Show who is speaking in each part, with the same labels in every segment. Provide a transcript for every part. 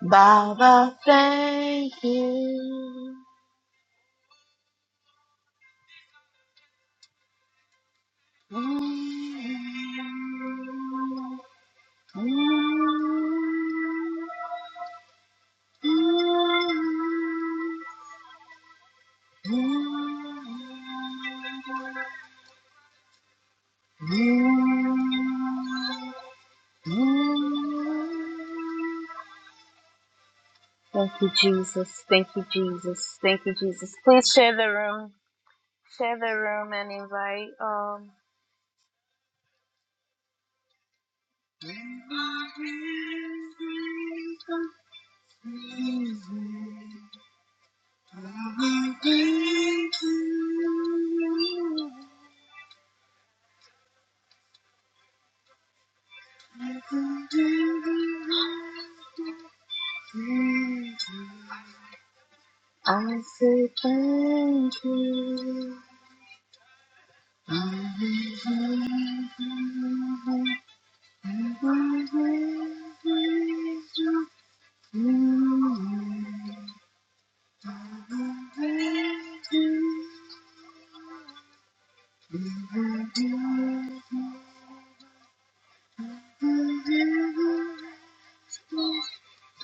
Speaker 1: Baba, thank you. Thank you, Jesus. Thank you, Jesus. Thank you, Jesus. Please share the room. Share the room and invite. um I say thank you. I say thank you. I say thank you.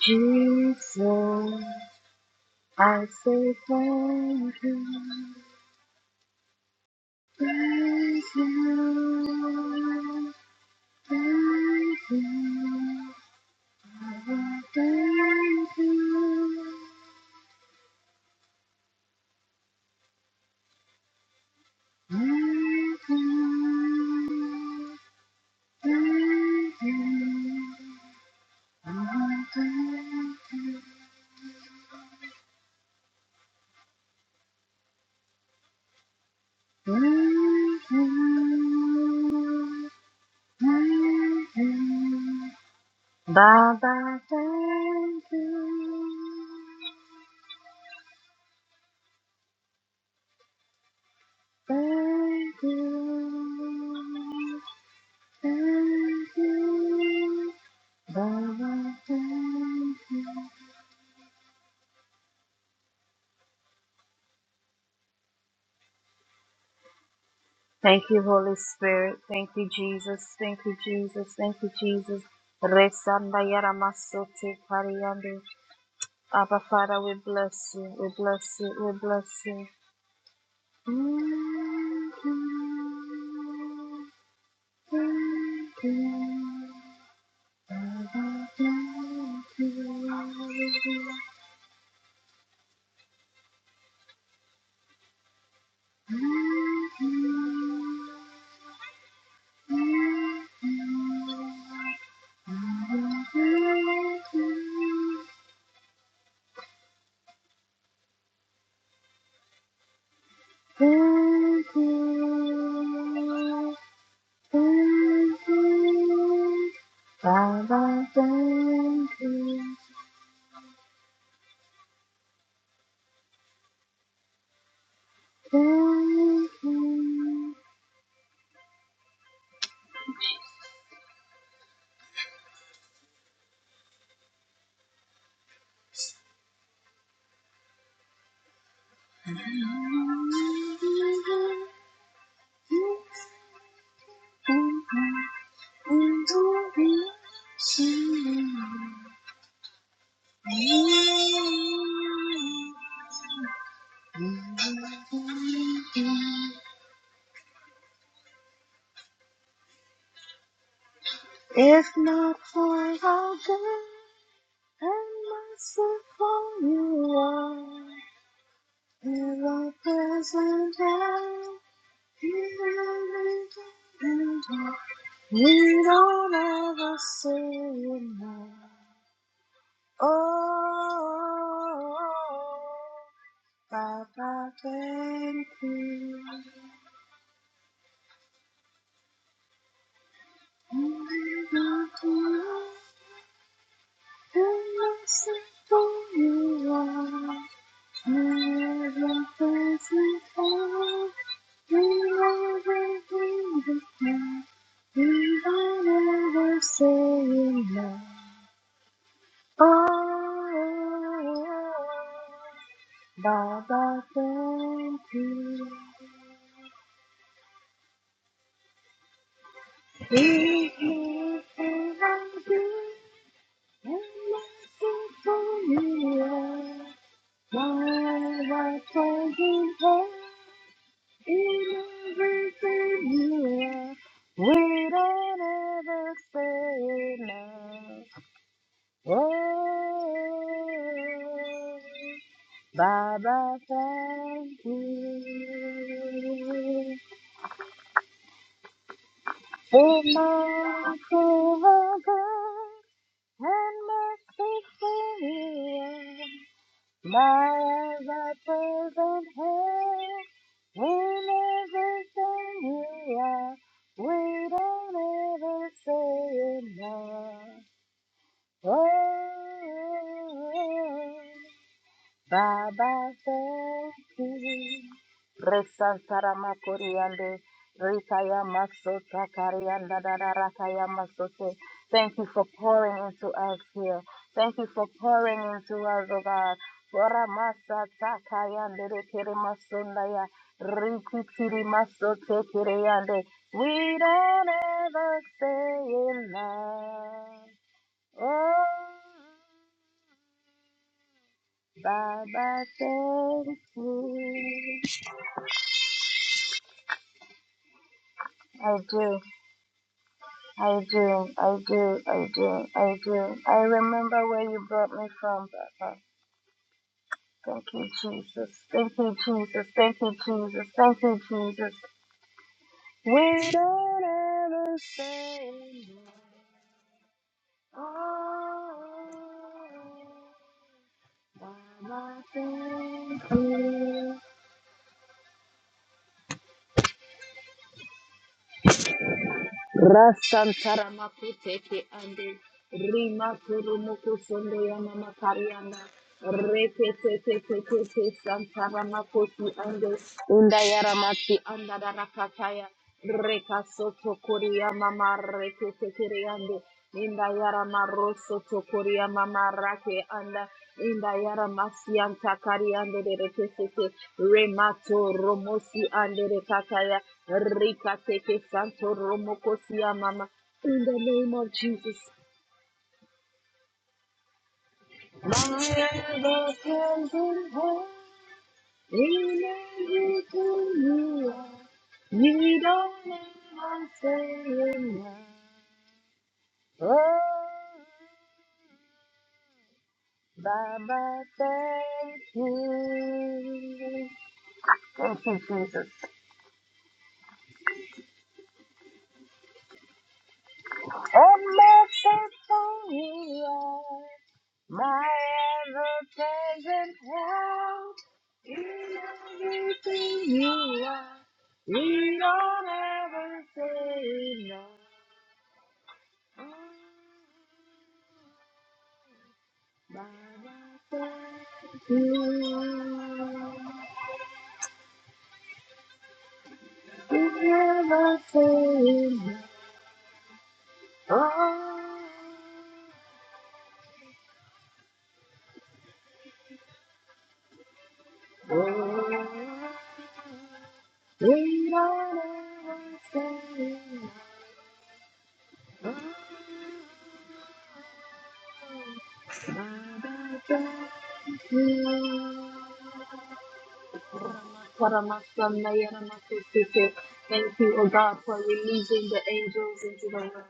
Speaker 1: Jesus, I say thank you. Thank you. Thank you. Lord, Thank you. Thank you. Thank you. Baba, thank you. Thank you. Thank you. Baba, thank you. Thank you, Holy Spirit. Thank you, Jesus. Thank you, Jesus. Thank you, Jesus. Resanda yaramasote Abba Father, we bless you, we bless you, we bless you. Thank you, thank you. Abba, thank you. Thank you, thank you. you. Baba, thank you, thank you. If not for how good and merciful you are. In thy present even in every we don't ever say no. Oh, Papa, thank you. And I want to know the mercy for you are. Baba, thank you. Lead me and I do, and listen for you. My life turns in everything you are. We don't ever say enough. Oh, Baba, thank you for my favor and mercy for you. My ever present help in everything you are. We don't ever say enough. Oh, oh, oh. Baba, thank you. Resantara makoriande, rikaya masota karianda rakaya masote. Thank you for pouring into us here. Thank you for pouring into us, O God. Bora masa takayande rekere masundaya, rikitiri masote kireyande. We don't ever say enough. Oh. Baba, thank you. I do, I do, I do, I do, I do. I remember where you brought me from, Baba. Thank you, Jesus. Thank you, Jesus. Thank you, Jesus. Thank you, Jesus. We don't ever say no. Oh, Baba, thank you. Rasantara makuteke ande rima kuru muku sonde ya mama kariana Santaramakosi ande undayaramasi andadarakataya rekasoto koria mama reketekeriande indayarama rosoto koria mama rake anda indayaramasi antakariande rekesete remato romosi ande rekataya rikateke santo romokosia mama in the name of Jesus. My ever present help. Amen to you. You don't ever say enough. Oh, Baba, thank you. Thank you, Jesus. Oh, merciful you are. My ever-present help in everything you are. We don't ever say no. Bye. Karamasa-nayaramasosete. Thank you, O God, for releasing the angels into the room.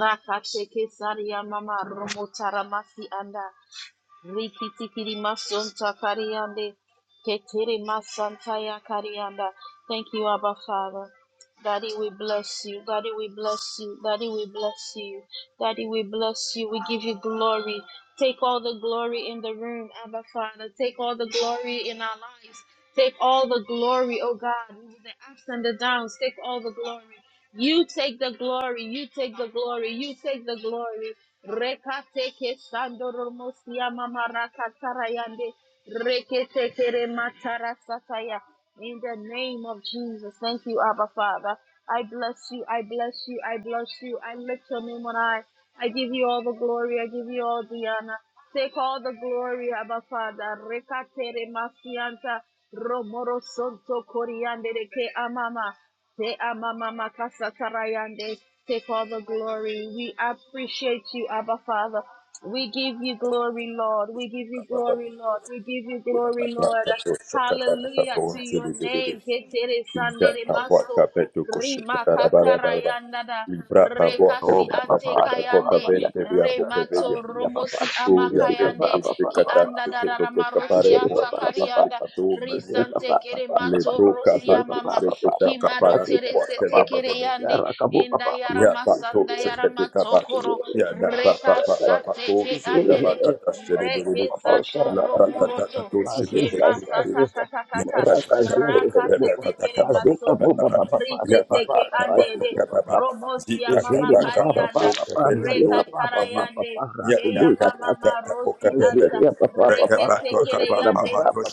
Speaker 1: Raka sheke saria mama romo taramasi anda. Rikitikiri masonta kariande. Ketiri masanta ya karianda. Thank you, Abba Father. Daddy, we bless you. Daddy, we bless you. Daddy, we bless you. Daddy, we bless you. We give you glory. Take all the glory in the room, Abba Father. Take all the glory in our lives. Take all the glory, oh God. The ups and the downs. Take all the glory. You take the glory. You take the glory. You take the glory. Rekateke sandoromosia mamarakatayande. Reketekere matarasataya. In the name of Jesus. Thank you, Abba Father. I bless you. I bless you. I bless you. I lift your name on high. I give you all the glory. I give you all the honor. Take all the glory, Abba Father. Rekatere masianta. Romoro sonto coriandere ke amama. Te amamama kasatarayande. Take all the glory. We appreciate you, Abba Father. We give you glory, Lord. We give you
Speaker 2: Libra
Speaker 1: glory, Lord. We give you glory, Lord. Hallelujah to your name. Ketere sandere maso. Rima katarayanda da.
Speaker 3: Oh,
Speaker 1: Rekasi
Speaker 3: Papa, Papa,
Speaker 1: ante
Speaker 3: Papa, Papa,
Speaker 1: kayande.
Speaker 3: Papa,
Speaker 1: Remato
Speaker 3: Papa,
Speaker 1: romosi
Speaker 3: is it Papa, isi Papa,
Speaker 1: amakayande.
Speaker 3: Papa,
Speaker 1: Ki anda
Speaker 3: Papa,
Speaker 1: da da
Speaker 3: is
Speaker 1: ramarosi
Speaker 3: it Papa, Papa,
Speaker 1: atakarianda.
Speaker 3: Papa, is it
Speaker 1: Risante
Speaker 3: Papa,
Speaker 1: kere
Speaker 3: Papa, Papa,
Speaker 1: mato
Speaker 3: is
Speaker 1: rosi
Speaker 3: papa,
Speaker 1: amama.
Speaker 3: Papa, Papa, Papa,
Speaker 1: Himado
Speaker 3: Masika,
Speaker 1: terese
Speaker 3: Papa,
Speaker 1: tekere
Speaker 3: Papa,
Speaker 1: yande
Speaker 3: Yarakabu,
Speaker 1: inda
Speaker 3: Papa,
Speaker 1: yara
Speaker 3: Papa,
Speaker 1: masanda
Speaker 3: isi
Speaker 1: yara matokoro
Speaker 2: Ya da pa pa
Speaker 1: reka
Speaker 2: pa pa pa
Speaker 1: sate
Speaker 2: ko
Speaker 1: ke
Speaker 2: se ya ba
Speaker 1: andere
Speaker 2: ka ta se de be
Speaker 1: reke
Speaker 2: de
Speaker 1: sato
Speaker 2: la ba ka ta ka
Speaker 1: romoroto
Speaker 2: to se de
Speaker 1: ke
Speaker 2: de
Speaker 1: masata kata kata
Speaker 2: Libra
Speaker 1: raka sete kere masoti rite teke andere romosi ya mama karianda reka tarayande Keya mama marosi anta rekete kere yande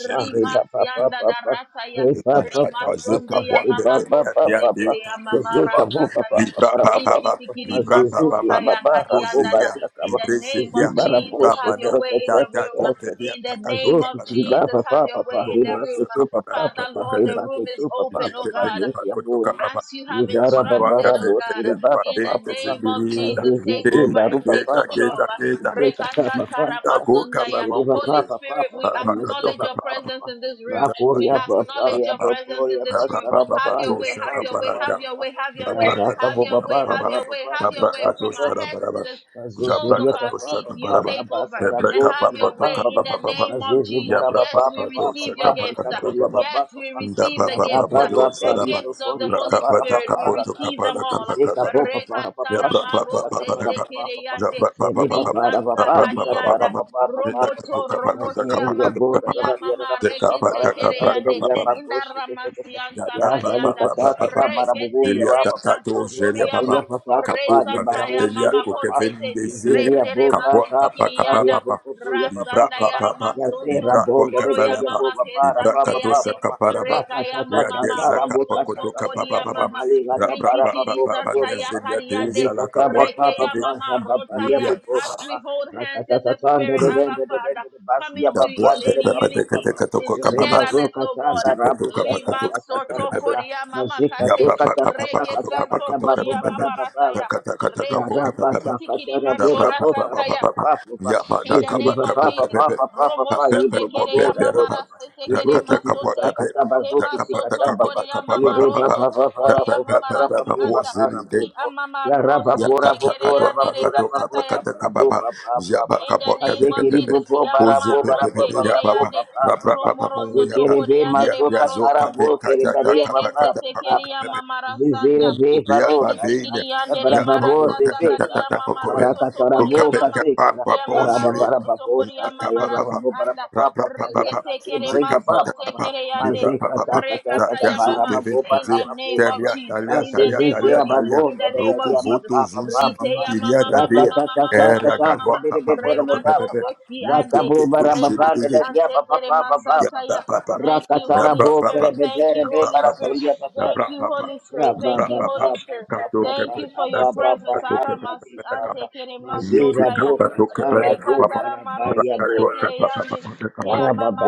Speaker 1: rimas yanda darata ya rimasonde ya mama kose
Speaker 3: Papa,
Speaker 1: tekere ya mama
Speaker 3: Zeka bo
Speaker 1: rasata
Speaker 3: papa
Speaker 1: ya
Speaker 2: Libra
Speaker 3: para papa papa
Speaker 1: risitikiri
Speaker 2: Libra
Speaker 3: azizizi
Speaker 1: masonta
Speaker 3: ya
Speaker 2: Baba,
Speaker 1: ya
Speaker 3: baba
Speaker 1: kari
Speaker 2: Libro
Speaker 3: rako
Speaker 1: yanda da
Speaker 3: basi
Speaker 2: Zia,
Speaker 1: in
Speaker 3: akaba
Speaker 1: the
Speaker 2: Libre
Speaker 1: name of
Speaker 2: Setia,
Speaker 3: zibara bo
Speaker 1: Jesus
Speaker 2: Libra
Speaker 1: have your
Speaker 3: shekere
Speaker 2: Mana,
Speaker 1: way in
Speaker 3: kete
Speaker 1: the
Speaker 2: Tata
Speaker 1: room
Speaker 3: kete kete
Speaker 2: Convelia,
Speaker 1: in the name of
Speaker 2: Kakatoka
Speaker 1: Jesus
Speaker 3: papa
Speaker 1: have your
Speaker 3: papa
Speaker 1: way
Speaker 2: Go,
Speaker 1: in the
Speaker 2: go
Speaker 3: riba
Speaker 1: room
Speaker 2: za
Speaker 3: soto
Speaker 2: kapa da
Speaker 3: papa
Speaker 2: kapa
Speaker 1: Father
Speaker 2: ko
Speaker 3: papa
Speaker 2: ka
Speaker 1: Lord
Speaker 2: te
Speaker 1: the
Speaker 3: riba
Speaker 1: room
Speaker 3: soto
Speaker 1: is
Speaker 3: papa
Speaker 2: te
Speaker 1: open oh
Speaker 2: te
Speaker 3: papa
Speaker 2: te
Speaker 1: God
Speaker 2: kapa
Speaker 3: nyezi ya
Speaker 2: ko
Speaker 3: bo
Speaker 2: to
Speaker 3: ya ba
Speaker 2: kapa ba
Speaker 1: as you have
Speaker 2: ya
Speaker 3: nizara
Speaker 2: ma wa
Speaker 3: baba
Speaker 2: ka
Speaker 1: instructed,
Speaker 2: te
Speaker 3: rabo
Speaker 1: oh
Speaker 2: te
Speaker 1: God,
Speaker 2: te
Speaker 3: riba
Speaker 2: kwa
Speaker 1: in
Speaker 2: te
Speaker 3: papa
Speaker 1: the
Speaker 2: te se
Speaker 3: papa
Speaker 1: name of
Speaker 2: biri da
Speaker 1: Jesus, take
Speaker 2: ke
Speaker 3: mazizizi
Speaker 1: over
Speaker 2: ta
Speaker 3: baru
Speaker 1: and
Speaker 2: ke
Speaker 1: take
Speaker 3: papa
Speaker 2: ta ke
Speaker 3: papa
Speaker 1: control.
Speaker 2: ta ke ta
Speaker 3: ibreka papa
Speaker 2: ta
Speaker 3: papa
Speaker 2: go kapa
Speaker 1: Rekasataramasundaya.
Speaker 2: ma un
Speaker 3: ziriba
Speaker 2: ko fe
Speaker 1: Holy
Speaker 3: papa papa
Speaker 1: Spirit,
Speaker 2: pa
Speaker 1: we
Speaker 3: papa
Speaker 2: pa ka to
Speaker 3: mozia
Speaker 1: acknowledge your
Speaker 3: papa
Speaker 2: kapa
Speaker 1: presence
Speaker 3: papa
Speaker 1: in this
Speaker 2: Zabra
Speaker 1: room. We
Speaker 3: Rakoria
Speaker 1: acknowledge
Speaker 3: Babaria
Speaker 1: your presence in
Speaker 3: Baboria
Speaker 1: this room.
Speaker 3: Basara
Speaker 1: Have
Speaker 3: Babai
Speaker 1: your way, have
Speaker 3: Babari
Speaker 1: your way, have your
Speaker 3: Baba
Speaker 1: way, have your
Speaker 3: La
Speaker 1: way,
Speaker 3: Raka
Speaker 1: have your way,
Speaker 3: Babara
Speaker 1: have your
Speaker 3: Baba
Speaker 1: way, have
Speaker 3: Baria
Speaker 1: your way
Speaker 3: Baba
Speaker 1: from our heads
Speaker 3: Baba
Speaker 1: to the soles of
Speaker 3: Azuzuria
Speaker 1: our
Speaker 3: Baba
Speaker 1: feet. You
Speaker 3: Baba
Speaker 1: take over
Speaker 3: Rabasara
Speaker 1: and have
Speaker 3: Boki
Speaker 1: your
Speaker 3: Baba
Speaker 1: way in
Speaker 3: Baba
Speaker 1: the name of
Speaker 3: Azizi
Speaker 1: Jesus.
Speaker 3: Bara
Speaker 1: Yes,
Speaker 3: Baba
Speaker 1: we
Speaker 3: Baba
Speaker 1: receive your
Speaker 3: Baba
Speaker 1: gifts.
Speaker 3: Rekatoria
Speaker 1: Yes,
Speaker 3: Baba
Speaker 1: we
Speaker 3: Baba
Speaker 1: receive the
Speaker 3: Rabba
Speaker 1: gifts. The
Speaker 3: Baba Ripo
Speaker 1: gifts of the
Speaker 3: Fori Baba
Speaker 1: Holy Spirit. We
Speaker 3: Baba
Speaker 1: receive
Speaker 3: Rakata
Speaker 1: them all.
Speaker 3: Iseka Boba Bara Baba
Speaker 1: Rekatara maro
Speaker 3: Sikata Kata Bara
Speaker 1: sete
Speaker 3: Baba Baba
Speaker 1: kireyande.
Speaker 3: Sene Baba
Speaker 1: Risanta
Speaker 3: Baba Dikata
Speaker 1: kariyanda.
Speaker 3: Baba Baba
Speaker 1: Romoto romosiyama.
Speaker 3: Nazeriya bora rarariya
Speaker 1: Kiyamama
Speaker 3: rapupa para
Speaker 1: rekete
Speaker 3: kacha
Speaker 1: kireyande.
Speaker 3: anderiya babo shikete kete
Speaker 1: Indaramasianta
Speaker 3: ya zali
Speaker 1: kariyanda.
Speaker 3: kacha
Speaker 1: Rekete
Speaker 2: Delia
Speaker 3: papa
Speaker 2: tatato
Speaker 1: resanto
Speaker 2: Zelia Baba
Speaker 1: koriyama.
Speaker 3: papa
Speaker 2: Kato
Speaker 3: papa ni
Speaker 1: Resanta
Speaker 2: Kaven
Speaker 3: barabu
Speaker 1: ya
Speaker 2: Delia
Speaker 1: mama
Speaker 3: shere papa
Speaker 2: Kokeven
Speaker 1: kosete.
Speaker 2: Dezilia
Speaker 3: zeriya
Speaker 1: Retere
Speaker 3: bo
Speaker 2: Kapwa
Speaker 1: masiti
Speaker 3: kacha
Speaker 2: Kapa
Speaker 3: kacha
Speaker 2: Kapa
Speaker 1: kiriyanda.
Speaker 3: riya
Speaker 2: Papa Libra
Speaker 3: papa
Speaker 1: Rasanda
Speaker 3: papa
Speaker 1: yara
Speaker 2: Papa
Speaker 3: ya
Speaker 1: masonto.
Speaker 3: zera
Speaker 2: Libra
Speaker 3: bo
Speaker 1: Koro ya
Speaker 2: Kavalaba
Speaker 1: mama ke
Speaker 3: papa
Speaker 2: Libra
Speaker 1: sante
Speaker 3: papa
Speaker 1: yande.
Speaker 2: Katosha
Speaker 3: papa
Speaker 2: Kaparaba
Speaker 1: Reka
Speaker 3: raka
Speaker 1: ya
Speaker 3: cha cha
Speaker 2: Lia
Speaker 1: mama
Speaker 3: cha
Speaker 2: Deza
Speaker 3: rabu
Speaker 2: Kapa
Speaker 1: marosonto
Speaker 3: kacha
Speaker 2: Koto
Speaker 3: kacha
Speaker 2: Kapa
Speaker 1: kori ya
Speaker 3: kacha
Speaker 2: Papa
Speaker 1: mama.
Speaker 3: bali gada
Speaker 2: Rapra
Speaker 3: bara
Speaker 2: Papa
Speaker 3: babo
Speaker 1: Rikitiri
Speaker 2: Papa
Speaker 1: santa ya
Speaker 3: papa
Speaker 2: Nezelia
Speaker 3: ya
Speaker 1: kariyande.
Speaker 2: Deza
Speaker 3: zika
Speaker 2: La Kapwa
Speaker 3: papa
Speaker 1: Reke ya
Speaker 2: Kebe
Speaker 3: papa
Speaker 1: mama
Speaker 3: shaba
Speaker 1: rota
Speaker 3: riya
Speaker 1: ya.
Speaker 2: Yulia
Speaker 1: As
Speaker 3: papa
Speaker 1: we hold hands in the
Speaker 3: Rakatatande
Speaker 1: spirit,
Speaker 3: de
Speaker 1: Abba
Speaker 3: dende de
Speaker 1: Father,
Speaker 3: dende de basia
Speaker 1: coming to
Speaker 2: Kapwa
Speaker 1: you
Speaker 3: babanda
Speaker 1: in
Speaker 3: de
Speaker 2: Pepe
Speaker 3: papu
Speaker 1: unity,
Speaker 2: Kete
Speaker 3: papa.
Speaker 2: Kato
Speaker 1: in
Speaker 2: Kapa Kapa
Speaker 3: Irebazo
Speaker 1: togetherness, oh
Speaker 3: kata
Speaker 1: God.
Speaker 2: Zikato
Speaker 3: karabu
Speaker 2: Kapa
Speaker 3: shaka
Speaker 1: Rima
Speaker 2: Kato
Speaker 3: taka
Speaker 1: soto
Speaker 3: taka ta
Speaker 1: koria mama
Speaker 2: Ya
Speaker 3: mazika
Speaker 1: kate
Speaker 3: to kata kata
Speaker 1: reke
Speaker 3: kata
Speaker 1: santo
Speaker 3: kata babu
Speaker 1: koria mama
Speaker 3: baba baba
Speaker 1: rataya
Speaker 3: rapa.
Speaker 1: res
Speaker 3: Yara kata
Speaker 1: sitikiri
Speaker 3: kata rabu
Speaker 1: matora
Speaker 3: papu papu
Speaker 1: santaya
Speaker 3: papa papa.
Speaker 1: in the
Speaker 3: Iziri
Speaker 1: name of
Speaker 3: papa
Speaker 1: Jesus
Speaker 3: papa papa
Speaker 1: romo
Speaker 3: papa
Speaker 1: sote
Speaker 3: ibro
Speaker 1: kere
Speaker 3: babu
Speaker 1: mama
Speaker 3: rabu baba.
Speaker 1: rasete kere
Speaker 3: Ibro kiti
Speaker 1: masote
Speaker 3: kata kata bazo
Speaker 1: kema
Speaker 3: kiti
Speaker 1: soto
Speaker 3: kata baba.
Speaker 1: koria mama
Speaker 3: Ire papa
Speaker 1: rosoto
Speaker 3: papa
Speaker 1: koria
Speaker 3: rabu
Speaker 1: mama
Speaker 3: papa
Speaker 1: rasi
Speaker 3: rabu
Speaker 1: anta
Speaker 3: papa
Speaker 1: ki
Speaker 3: rabu.
Speaker 1: amama
Speaker 3: Ya rapa
Speaker 1: rosote
Speaker 3: pora
Speaker 1: kere ya
Speaker 3: popora
Speaker 1: ndere
Speaker 3: papora papopa
Speaker 1: kasataya
Speaker 3: rabo papa papa.
Speaker 1: in the name of
Speaker 3: Azekiri
Speaker 1: Jesus,
Speaker 3: popo barabo
Speaker 1: Kiyamama
Speaker 3: barabo
Speaker 1: Rote
Speaker 3: barabo
Speaker 1: Kereyande,
Speaker 3: papa papa.
Speaker 1: Romoroso
Speaker 3: Zikiri be
Speaker 1: Tokoriande de
Speaker 3: mazoka tarabo
Speaker 1: Marosonto,
Speaker 3: kiri baria papa
Speaker 1: Rekese
Speaker 3: papa
Speaker 2: Yabba,
Speaker 3: papa.
Speaker 1: Tekeriama Marasanta,
Speaker 3: Zizire be baroka ta. Ya
Speaker 1: Rekitikiriande de
Speaker 3: barababo
Speaker 1: Marasata
Speaker 3: zezeka ta.
Speaker 1: Kariama Maroso
Speaker 3: Barakata
Speaker 1: Tokoria
Speaker 3: rabo
Speaker 1: Mama,
Speaker 3: kazeka la.
Speaker 1: Kiyamama
Speaker 3: Baraba
Speaker 1: Roso
Speaker 3: barababo
Speaker 1: Tokoria
Speaker 3: sata. Ya
Speaker 1: Mama Rasi
Speaker 3: rababo para
Speaker 1: Anda,
Speaker 3: papa. papa Ya
Speaker 1: Rikete
Speaker 3: sake
Speaker 1: Kere
Speaker 3: bari papa
Speaker 1: Masonte
Speaker 3: papa.
Speaker 1: Kereyande,
Speaker 3: Mazeka ta kata kata
Speaker 1: Rekataya mama.
Speaker 3: barababo
Speaker 1: In the name of
Speaker 3: barababo
Speaker 1: Jesus. In the name of
Speaker 3: Basezezea
Speaker 1: Jesus. In
Speaker 3: babonda
Speaker 1: the name of
Speaker 3: dadaria
Speaker 1: Jesus.
Speaker 3: baba baba baba.
Speaker 1: Riteya mama mama mama mama mama
Speaker 2: Era
Speaker 1: mama
Speaker 3: Rakatatatata
Speaker 1: mama.
Speaker 2: gadoa, papa, mano,
Speaker 3: ribibibibi
Speaker 1: Remato
Speaker 3: baba
Speaker 2: pepe,
Speaker 3: baba.
Speaker 1: kosi ande.
Speaker 3: Zakabuba rababa
Speaker 1: Rekasi
Speaker 2: pepe.
Speaker 3: dadaria
Speaker 1: ante
Speaker 3: baba
Speaker 1: kere
Speaker 3: baba
Speaker 2: Yeah,
Speaker 3: baba.
Speaker 1: masantaya.
Speaker 2: blah, blah, blah.
Speaker 1: Thank you,
Speaker 2: Yeah,
Speaker 3: Rakatara
Speaker 1: Holy
Speaker 2: blah, blah,
Speaker 3: bokere
Speaker 2: blah.
Speaker 1: Spirit. Thank
Speaker 3: bebere
Speaker 1: you,
Speaker 2: Yeah, blah,
Speaker 1: Holy
Speaker 3: bebara
Speaker 2: blah, blah.
Speaker 1: Spirit.
Speaker 3: sondia
Speaker 2: Yeah,
Speaker 3: baba.
Speaker 1: Thank
Speaker 2: blah,
Speaker 1: you,
Speaker 2: blah, blah.
Speaker 1: Holy Spirit.
Speaker 2: Yeah,
Speaker 3: Rabba
Speaker 1: Thank
Speaker 2: blah,
Speaker 1: you,
Speaker 2: blah,
Speaker 3: baba
Speaker 2: blah.
Speaker 1: Holy
Speaker 3: baba
Speaker 1: Spirit.
Speaker 2: Kato
Speaker 1: Thank
Speaker 3: baba
Speaker 2: kepe,
Speaker 1: you for your
Speaker 3: rabba
Speaker 2: that's a-
Speaker 3: baba
Speaker 1: presence.
Speaker 2: kato kepe,
Speaker 3: rabba
Speaker 1: Aramasi
Speaker 2: that's
Speaker 3: baba.
Speaker 1: ante
Speaker 2: a-
Speaker 1: kere
Speaker 2: Ye
Speaker 3: Mazira
Speaker 2: kika,
Speaker 1: masondaya.
Speaker 3: boka
Speaker 2: kato kepe,
Speaker 3: tara
Speaker 2: that's a
Speaker 3: boka
Speaker 2: papa.
Speaker 1: Rekatara marose
Speaker 3: rabaya
Speaker 2: Rakato,
Speaker 1: tekere
Speaker 2: that's a papa,
Speaker 1: yande.
Speaker 2: that's a
Speaker 1: Ke
Speaker 2: papa.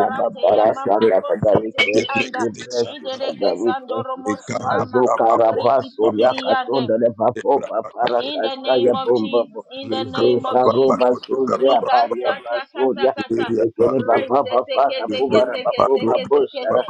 Speaker 2: Kika,
Speaker 1: ya
Speaker 2: kato kepe.
Speaker 1: mamato
Speaker 3: Father, we
Speaker 1: sete ke
Speaker 2: De
Speaker 3: thank you.
Speaker 1: anda.
Speaker 2: breke
Speaker 3: We
Speaker 2: te
Speaker 3: bless
Speaker 2: sha,
Speaker 3: you,
Speaker 2: blah,
Speaker 1: Indere
Speaker 2: blah,
Speaker 1: ke
Speaker 3: Father. We thank
Speaker 1: sandoro
Speaker 3: you.
Speaker 2: blah. Ika,
Speaker 1: mosi
Speaker 2: blah,
Speaker 1: ama
Speaker 2: blah,
Speaker 3: Mazoka
Speaker 2: blah, blah, blah, blah,
Speaker 3: rabasuria
Speaker 1: rikitikiri
Speaker 2: blah.
Speaker 1: yande.
Speaker 3: katonda
Speaker 2: De bra,
Speaker 3: lebaboba
Speaker 2: blah, kato.
Speaker 1: In the
Speaker 3: parakata
Speaker 2: De
Speaker 1: name
Speaker 3: ya
Speaker 1: of Jesus,
Speaker 3: bombabo.
Speaker 1: in the
Speaker 2: breka,
Speaker 1: name
Speaker 2: blah,
Speaker 1: of
Speaker 3: Izesa
Speaker 2: blah, blah,
Speaker 1: Jesus.
Speaker 3: roba
Speaker 2: kato, blah,
Speaker 3: zoze
Speaker 2: blah,
Speaker 1: Rika
Speaker 2: blah, blah,
Speaker 3: abaria
Speaker 2: blah.
Speaker 1: sata kata
Speaker 3: basuria.
Speaker 2: De
Speaker 1: kata.
Speaker 2: ria, blah,
Speaker 3: Izekere
Speaker 1: Re
Speaker 2: blah.
Speaker 3: bababa
Speaker 1: sete ke
Speaker 2: De
Speaker 1: te ke
Speaker 3: barabuba
Speaker 1: te
Speaker 2: breka,
Speaker 1: ke
Speaker 2: blah,
Speaker 1: te
Speaker 3: rababoba
Speaker 1: ke te ke
Speaker 2: blah.
Speaker 3: boshara.
Speaker 1: te.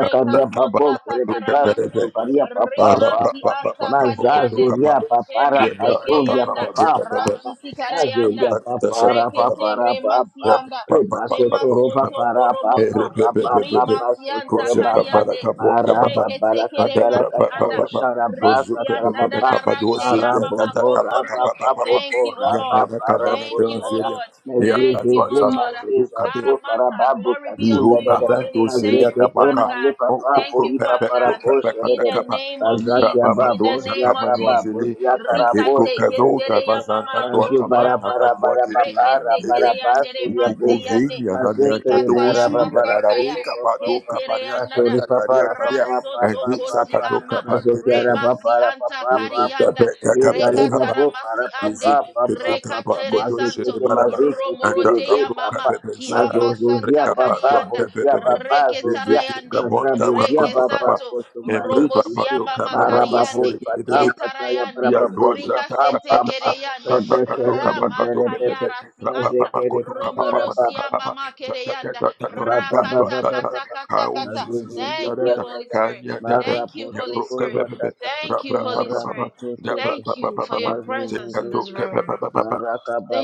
Speaker 2: Yeah, that's what
Speaker 1: sota
Speaker 2: I've got
Speaker 3: babokere
Speaker 1: kata
Speaker 3: bebasu
Speaker 1: ramaso.
Speaker 3: tubaria papa
Speaker 1: Rimasi
Speaker 3: papa.
Speaker 1: anta kadi yande.
Speaker 3: Mazazuria
Speaker 1: He
Speaker 3: papara
Speaker 1: mate ke
Speaker 3: pasundia
Speaker 1: yanda.
Speaker 3: papa papa.
Speaker 1: Rasiti kara yanda.
Speaker 3: Mazuria papara
Speaker 1: Rekete
Speaker 3: papara
Speaker 1: remasi
Speaker 3: papa.
Speaker 1: yanda.
Speaker 3: Rebasotoro
Speaker 1: Kemasonto
Speaker 3: papa rapa
Speaker 1: koromoto,
Speaker 3: rapa papa
Speaker 1: rimasianta
Speaker 3: sotoro baba
Speaker 1: kariande,
Speaker 3: maraba
Speaker 1: rekete
Speaker 3: barakata
Speaker 1: keremasi
Speaker 3: rakata
Speaker 1: anda,
Speaker 3: washara basa
Speaker 1: risianda
Speaker 3: tarababa
Speaker 1: dada rate ya
Speaker 3: parabo
Speaker 1: mama kosonto.
Speaker 3: boraba babo
Speaker 1: Thank you, O Lord.
Speaker 3: boraba
Speaker 1: Thank
Speaker 3: parabo
Speaker 1: you, O
Speaker 3: shata
Speaker 1: Lord. Thank you, O
Speaker 3: mezezeze
Speaker 2: to
Speaker 1: Lord.
Speaker 2: do.
Speaker 3: mazeza
Speaker 2: Kabir.
Speaker 1: Karamata,
Speaker 3: zokarababu
Speaker 1: glory be unto
Speaker 3: katunda
Speaker 2: Liro
Speaker 1: your
Speaker 3: dede
Speaker 1: holy
Speaker 2: kabeto
Speaker 1: name.
Speaker 2: shelia
Speaker 1: Thank you,
Speaker 3: mazekete
Speaker 1: Father
Speaker 2: kabaka.
Speaker 3: male
Speaker 1: God.
Speaker 2: O
Speaker 3: papa
Speaker 1: Thank
Speaker 2: koko
Speaker 1: you,
Speaker 3: poli
Speaker 2: pepe
Speaker 1: Father
Speaker 3: papa
Speaker 1: God.
Speaker 2: to pepe
Speaker 3: raposhe
Speaker 1: In
Speaker 2: kata
Speaker 1: the
Speaker 3: dede
Speaker 2: kapa.
Speaker 1: name of
Speaker 2: Libra
Speaker 3: bazaki
Speaker 1: Jesus.
Speaker 2: baba
Speaker 1: In
Speaker 2: do
Speaker 1: the
Speaker 3: ababo
Speaker 1: name
Speaker 2: zakama
Speaker 1: of Jesus.
Speaker 3: ziakababo
Speaker 2: nuanzele. Ege
Speaker 3: ziakarabo
Speaker 1: Rikate
Speaker 2: kokezo
Speaker 1: kesere
Speaker 3: sekrekete
Speaker 1: ya mama
Speaker 2: kabazanta to
Speaker 3: Bazu
Speaker 1: roki
Speaker 2: akama
Speaker 1: ya
Speaker 3: bara
Speaker 1: mama
Speaker 3: bara
Speaker 2: tata dua
Speaker 3: bara ba
Speaker 2: getindele.
Speaker 3: bara
Speaker 1: rekete
Speaker 3: bara
Speaker 1: kere
Speaker 2: Dele.
Speaker 1: yandere
Speaker 3: basuria
Speaker 1: mate
Speaker 2: Ukuku
Speaker 3: bopo.
Speaker 1: yande
Speaker 2: vini anane
Speaker 3: Mazekere
Speaker 2: kato
Speaker 1: rikata ya
Speaker 3: bara bara
Speaker 2: oshiri na
Speaker 3: bara
Speaker 1: masanta ya
Speaker 2: narabe
Speaker 3: bopo pa pa
Speaker 2: kapato
Speaker 3: pa.
Speaker 1: ketere
Speaker 2: kaparia
Speaker 1: yandada
Speaker 3: Basuri
Speaker 2: karia
Speaker 3: pa
Speaker 2: karia
Speaker 3: para pa
Speaker 2: karia.
Speaker 3: pa
Speaker 1: raso
Speaker 3: pa pa
Speaker 2: Ege
Speaker 3: pa
Speaker 1: tokosi
Speaker 3: pa.
Speaker 2: zakato
Speaker 1: ama
Speaker 2: kapande
Speaker 3: Mazokiara
Speaker 2: kepe.
Speaker 3: pa
Speaker 1: rebasi
Speaker 3: para pa
Speaker 1: anta
Speaker 3: pa
Speaker 1: kari
Speaker 3: pa
Speaker 2: Odo
Speaker 3: pa.
Speaker 1: yanda
Speaker 2: kepe
Speaker 3: Zezali pa
Speaker 1: rekata
Speaker 2: kakapada
Speaker 1: ramasi
Speaker 3: para pa
Speaker 1: ande
Speaker 3: pa
Speaker 2: Visite
Speaker 3: pa pa pa pa.
Speaker 1: rekatere santo
Speaker 3: Mazekete mazekete
Speaker 1: romorote
Speaker 3: rebebe
Speaker 1: ya
Speaker 3: pa
Speaker 1: mama
Speaker 3: pa.
Speaker 1: ki ama santa
Speaker 3: Mazozozia pa
Speaker 1: kari
Speaker 3: pa
Speaker 1: yanda
Speaker 3: bozia pa pa
Speaker 1: reketara
Speaker 3: zozia.
Speaker 1: yande
Speaker 2: Gabon, Taka,
Speaker 3: Makrabozia
Speaker 1: reke
Speaker 2: Koto,
Speaker 3: pa pa
Speaker 2: Kapa,
Speaker 1: santo
Speaker 2: and Brapa,
Speaker 3: kotumbaliki te.
Speaker 2: Pato,
Speaker 1: Romosiama
Speaker 2: Kapa,
Speaker 1: Makariande,
Speaker 3: Marababori
Speaker 2: Pato,
Speaker 3: patam pataya
Speaker 1: Ketarayande,
Speaker 2: Ya
Speaker 3: barababori
Speaker 2: tuaza ta
Speaker 3: papam
Speaker 2: ta ta
Speaker 1: Rikasete
Speaker 3: pam
Speaker 2: ta
Speaker 3: pa
Speaker 2: ta
Speaker 3: Mazuzu,
Speaker 1: Kereyande,
Speaker 2: kata kato kapa kato kepepe
Speaker 1: Ramatayara
Speaker 2: rapa
Speaker 1: Sianta,
Speaker 2: papa koto kapa papa na kapa
Speaker 1: Romorosiama
Speaker 2: papa za ta ta
Speaker 1: Makereyanda,
Speaker 2: ta ta to ta ta
Speaker 1: Rakata
Speaker 2: ta ta
Speaker 1: Kata Kata
Speaker 2: kau
Speaker 1: Kata.
Speaker 2: zizi zinda
Speaker 1: Thank
Speaker 2: da
Speaker 1: you,
Speaker 2: da
Speaker 1: Holy Spirit.
Speaker 2: kanya da da
Speaker 1: Thank you,
Speaker 2: ya
Speaker 1: Holy
Speaker 2: pro
Speaker 1: Spirit.
Speaker 2: kepepe
Speaker 1: Thank you,
Speaker 2: rapa
Speaker 1: Holy
Speaker 2: papa papa
Speaker 1: Spirit.
Speaker 2: ya pra
Speaker 1: Thank
Speaker 2: papa
Speaker 1: you
Speaker 2: papa
Speaker 1: for
Speaker 2: papa
Speaker 1: your
Speaker 2: se
Speaker 1: presence in
Speaker 2: kato
Speaker 1: this
Speaker 2: kepepe
Speaker 1: room.
Speaker 2: papa papa.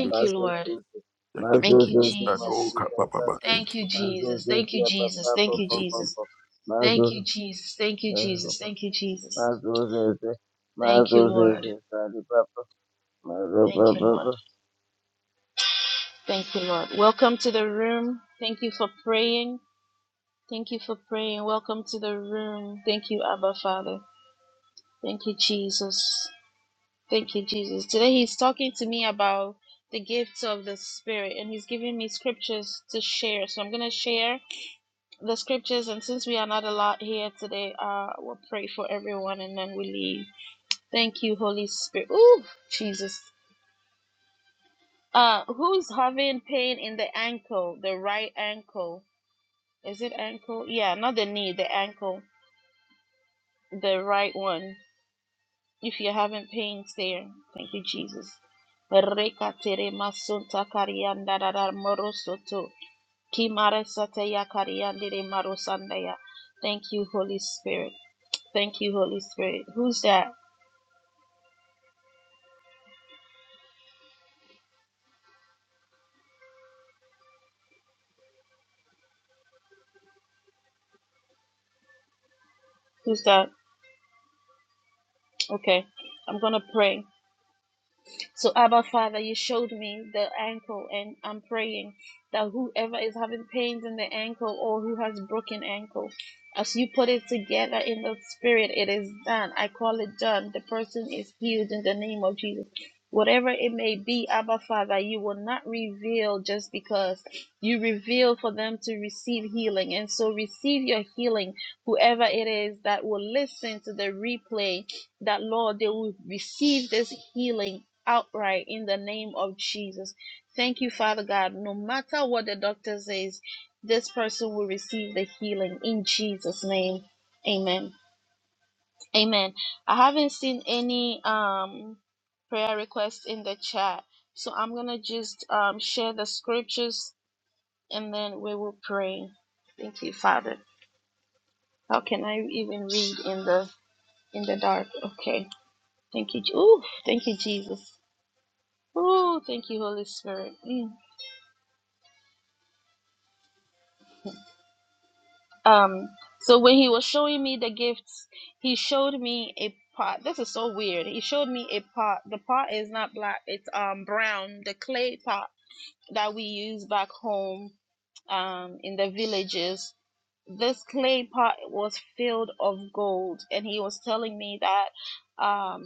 Speaker 2: Thank you.
Speaker 1: you, Lord.
Speaker 2: Thank you.
Speaker 1: Thank you,
Speaker 2: Thank you.
Speaker 1: Jesus.
Speaker 2: Thank
Speaker 1: Thank
Speaker 2: you.
Speaker 1: you, Jesus. Thank you, Jesus. Thank
Speaker 2: Thank
Speaker 1: you,
Speaker 2: you.
Speaker 1: Jesus. Thank you, Jesus. Thank you, Jesus. Thank you, Jesus. Thank you, Lord.
Speaker 3: mazuzeze, karibaba,
Speaker 1: Thank you, Lord. Thank you, Lord. Welcome to the room. Thank you for praying. Thank you for praying. Welcome to the room. Thank you, Abba Father. Thank you, Jesus. Thank you, Jesus. Today he's talking to me about the gifts of the Spirit and he's giving me scriptures to share. So I'm going to share the scriptures. And since we are not a lot here today, uh, we'll pray for everyone and then we leave. Thank you, Holy Spirit. Ooh, Jesus. Uh, who's having pain in the ankle, the right ankle? Is it ankle? Yeah, not the knee, the ankle, the right one. If you're having pains there, thank you, Jesus. Reka masunta karianda da da Kimare sate ya kariande Thank you, Holy Spirit. Thank you, Holy Spirit. Who's that? Who's that? Okay, I'm gonna pray. So, Abba Father, you showed me the ankle, and I'm praying that whoever is having pains in the ankle or who has broken ankle, as you put it together in the spirit, it is done. I call it done. The person is healed in the name of Jesus. Whatever it may be, Abba Father, you will not reveal just because you reveal for them to receive healing. And so receive your healing, whoever it is that will listen to the replay that Lord, they will receive this healing outright in the name of Jesus. Thank you, Father God. No matter what the doctor says, this person will receive the healing in Jesus' name. Amen. Amen. I haven't seen any um prayer requests in the chat, so I'm gonna just um share the scriptures and then we will pray. Thank you, Father. How can I even read in the in the dark? Okay. Thank you. Je- Ooh, thank you, Jesus. Oh, thank you, Holy Spirit. Mm. Um, so when he was showing me the gifts, he showed me a pot. This is so weird. He showed me a pot. The pot is not black, it's um brown, the clay pot that we use back home um in the villages. This clay pot was filled of gold, and he was telling me that um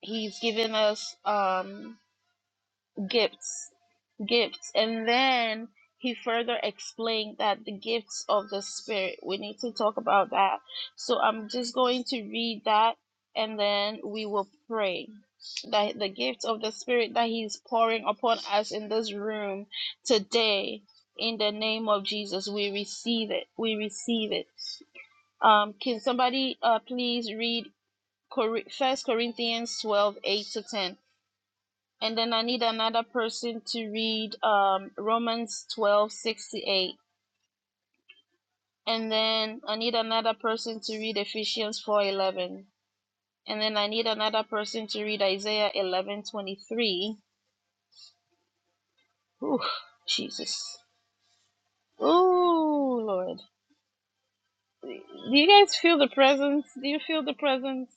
Speaker 1: he's given us um gifts gifts. And then he further explained that the gifts of the Spirit, we need to talk about that. So I'm just going to read that and then we will pray. That the gifts of the Spirit that He's pouring upon us in this room today, in the name of Jesus, we receive it. We receive it. Um, can somebody uh, please read First Corinthians twelve eight to 10? And then I need another person to read um, Romans twelve sixty eight. And then I need another person to read Ephesians four eleven. And then I need another person to read Isaiah eleven twenty three. Ooh, Jesus. Ooh, Lord. Do you guys feel the presence? Do you feel the presence?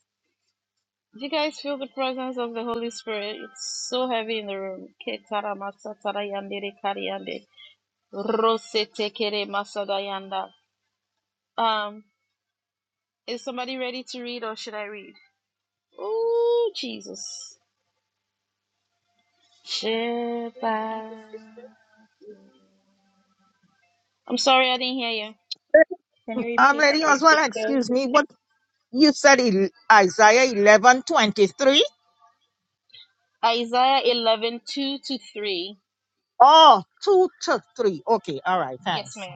Speaker 1: Do you guys feel the presence of the Holy Spirit? It's so heavy in the room. Ke tara masa tara yandere Rose tekere masa Um, is somebody ready to read or should I read? Oh, Jesus.
Speaker 4: you repeat
Speaker 1: Shabbat.
Speaker 4: the scriptures?
Speaker 1: I'm sorry I didn't hear you.
Speaker 4: Can you
Speaker 5: I'm Um,
Speaker 4: repeat
Speaker 5: Lady
Speaker 4: the
Speaker 5: Well,
Speaker 4: scriptures?
Speaker 5: excuse me, what you said in Isaiah eleven twenty three?
Speaker 1: Isaiah 11 2 to 3.
Speaker 5: Oh, two to three. Okay, all right,
Speaker 1: Yes,
Speaker 5: thanks.
Speaker 1: ma'am.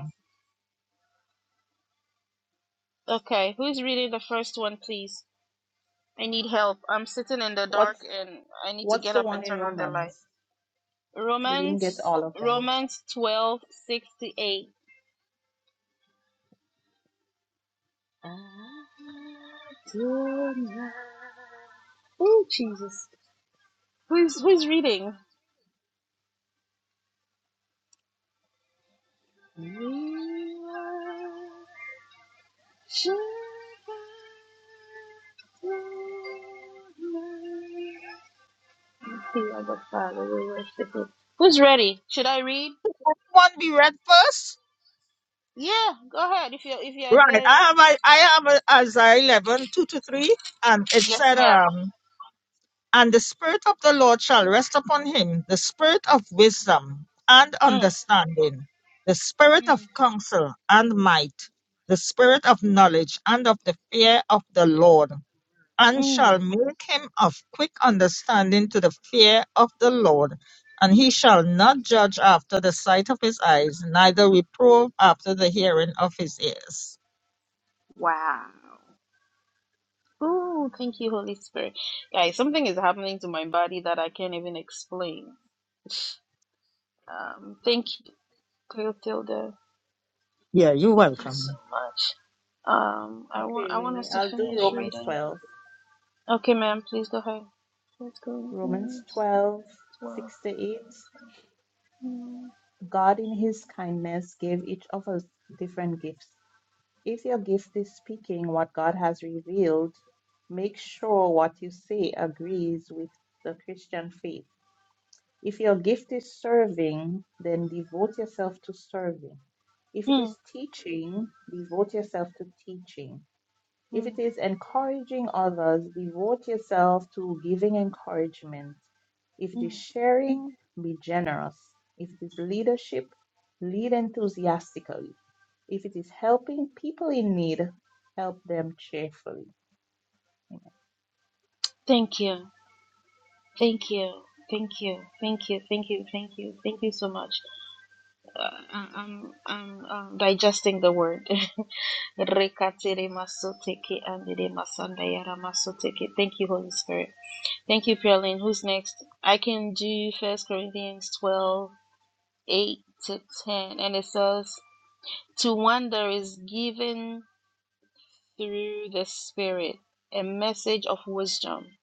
Speaker 1: Okay, who's reading the first one, please? I need help. I'm sitting in the dark
Speaker 4: What's
Speaker 1: and I need to
Speaker 4: what's
Speaker 1: get
Speaker 4: the
Speaker 1: up
Speaker 4: one
Speaker 1: and
Speaker 4: in
Speaker 1: turn on the light.
Speaker 4: Romans? We didn't get
Speaker 1: Romans,
Speaker 4: all of them.
Speaker 1: Romans 12, six to 8. Oh, Jesus. Who's, who's reading? We Father. We worship you. Who's ready? Should I read?
Speaker 5: One be read first.
Speaker 1: Yeah, go ahead. If you if you're
Speaker 5: Right,
Speaker 1: there.
Speaker 5: I have I, I have a Isaiah eleven two to three, and it
Speaker 1: Yes,
Speaker 5: said,
Speaker 1: ma'am.
Speaker 5: um, and the spirit of the Lord shall rest upon him, the spirit of wisdom and
Speaker 1: Mm.
Speaker 5: understanding, the spirit of
Speaker 1: Mm.
Speaker 5: counsel and might, the spirit of knowledge and of the fear of the Lord and
Speaker 1: Mm.
Speaker 5: shall make him of quick understanding to the fear of the Lord. And he shall not judge after the sight of his eyes, neither reprove after the hearing of his ears.
Speaker 1: Wow. Ooh, thank you, Holy Spirit. Guys, something is happening to my body that I can't even explain. Um, thank you, Cleotilda.
Speaker 5: Yeah, you're
Speaker 1: Thank you so
Speaker 5: welcome.
Speaker 1: much. Um, I want I want
Speaker 4: Okay,
Speaker 1: us to
Speaker 4: I'll do
Speaker 1: finish
Speaker 4: Romans
Speaker 1: reading.
Speaker 4: 12.
Speaker 1: Okay, ma'am, please go ahead. Let's First
Speaker 4: Romans
Speaker 1: Corinthians
Speaker 4: 12,
Speaker 1: 12.
Speaker 4: 6 to 8.
Speaker 1: Mm,
Speaker 4: God in his kindness gave each of us different gifts. If your gift is speaking what God has revealed, make sure what you say agrees with the Christian faith. If your gift is serving, then devote yourself to serving. If it
Speaker 1: mm,
Speaker 4: is teaching, devote yourself to teaching. If
Speaker 1: mm,
Speaker 4: it is encouraging others, devote yourself to giving encouragement. If it is
Speaker 1: mm.
Speaker 4: sharing, be generous. If it is leadership, lead enthusiastically. If it is helping people in need, help them cheerfully. Amen.
Speaker 1: Thank you. Thank you. Thank you. Thank you. Thank you. Thank you. Thank you so much. Uh, I- I'm, I'm, um digesting the word. Rekatere masoteke andere masandayara masoteke. Thank you, Holy Spirit. Thank you, Pierlin. Who's next? I can do First Corinthians 12, 8 to 10. And it says, To one there is given through the Spirit a message of wisdom,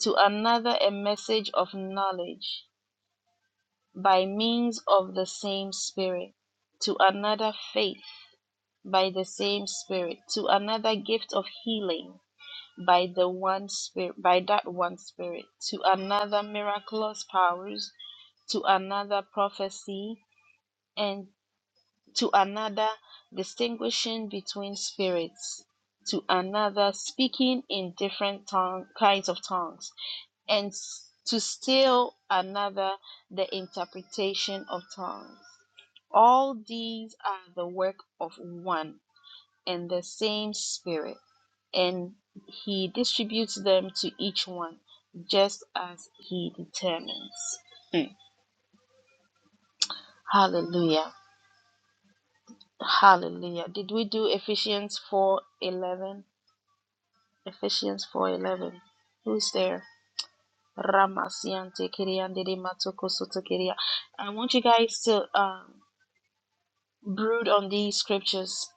Speaker 1: to another a message of knowledge by means of the same Spirit, to another faith by the same Spirit, to another gift of healing by the one Spirit, by that one Spirit, to another miraculous powers, to another prophecy, and to another, distinguishing between spirits, to another, speaking in different tongue, kinds of tongues, and to still another, the interpretation of tongues. All these are the work of one and the same Spirit, and He distributes them to each one just as He determines. Mm. Hallelujah. Hallelujah. Did we do Ephesians 4:11? Ephesians 4:11. Who's there? Ramasiante kiriandiri matoko sotokiria. I want you guys to um, brood on these scriptures.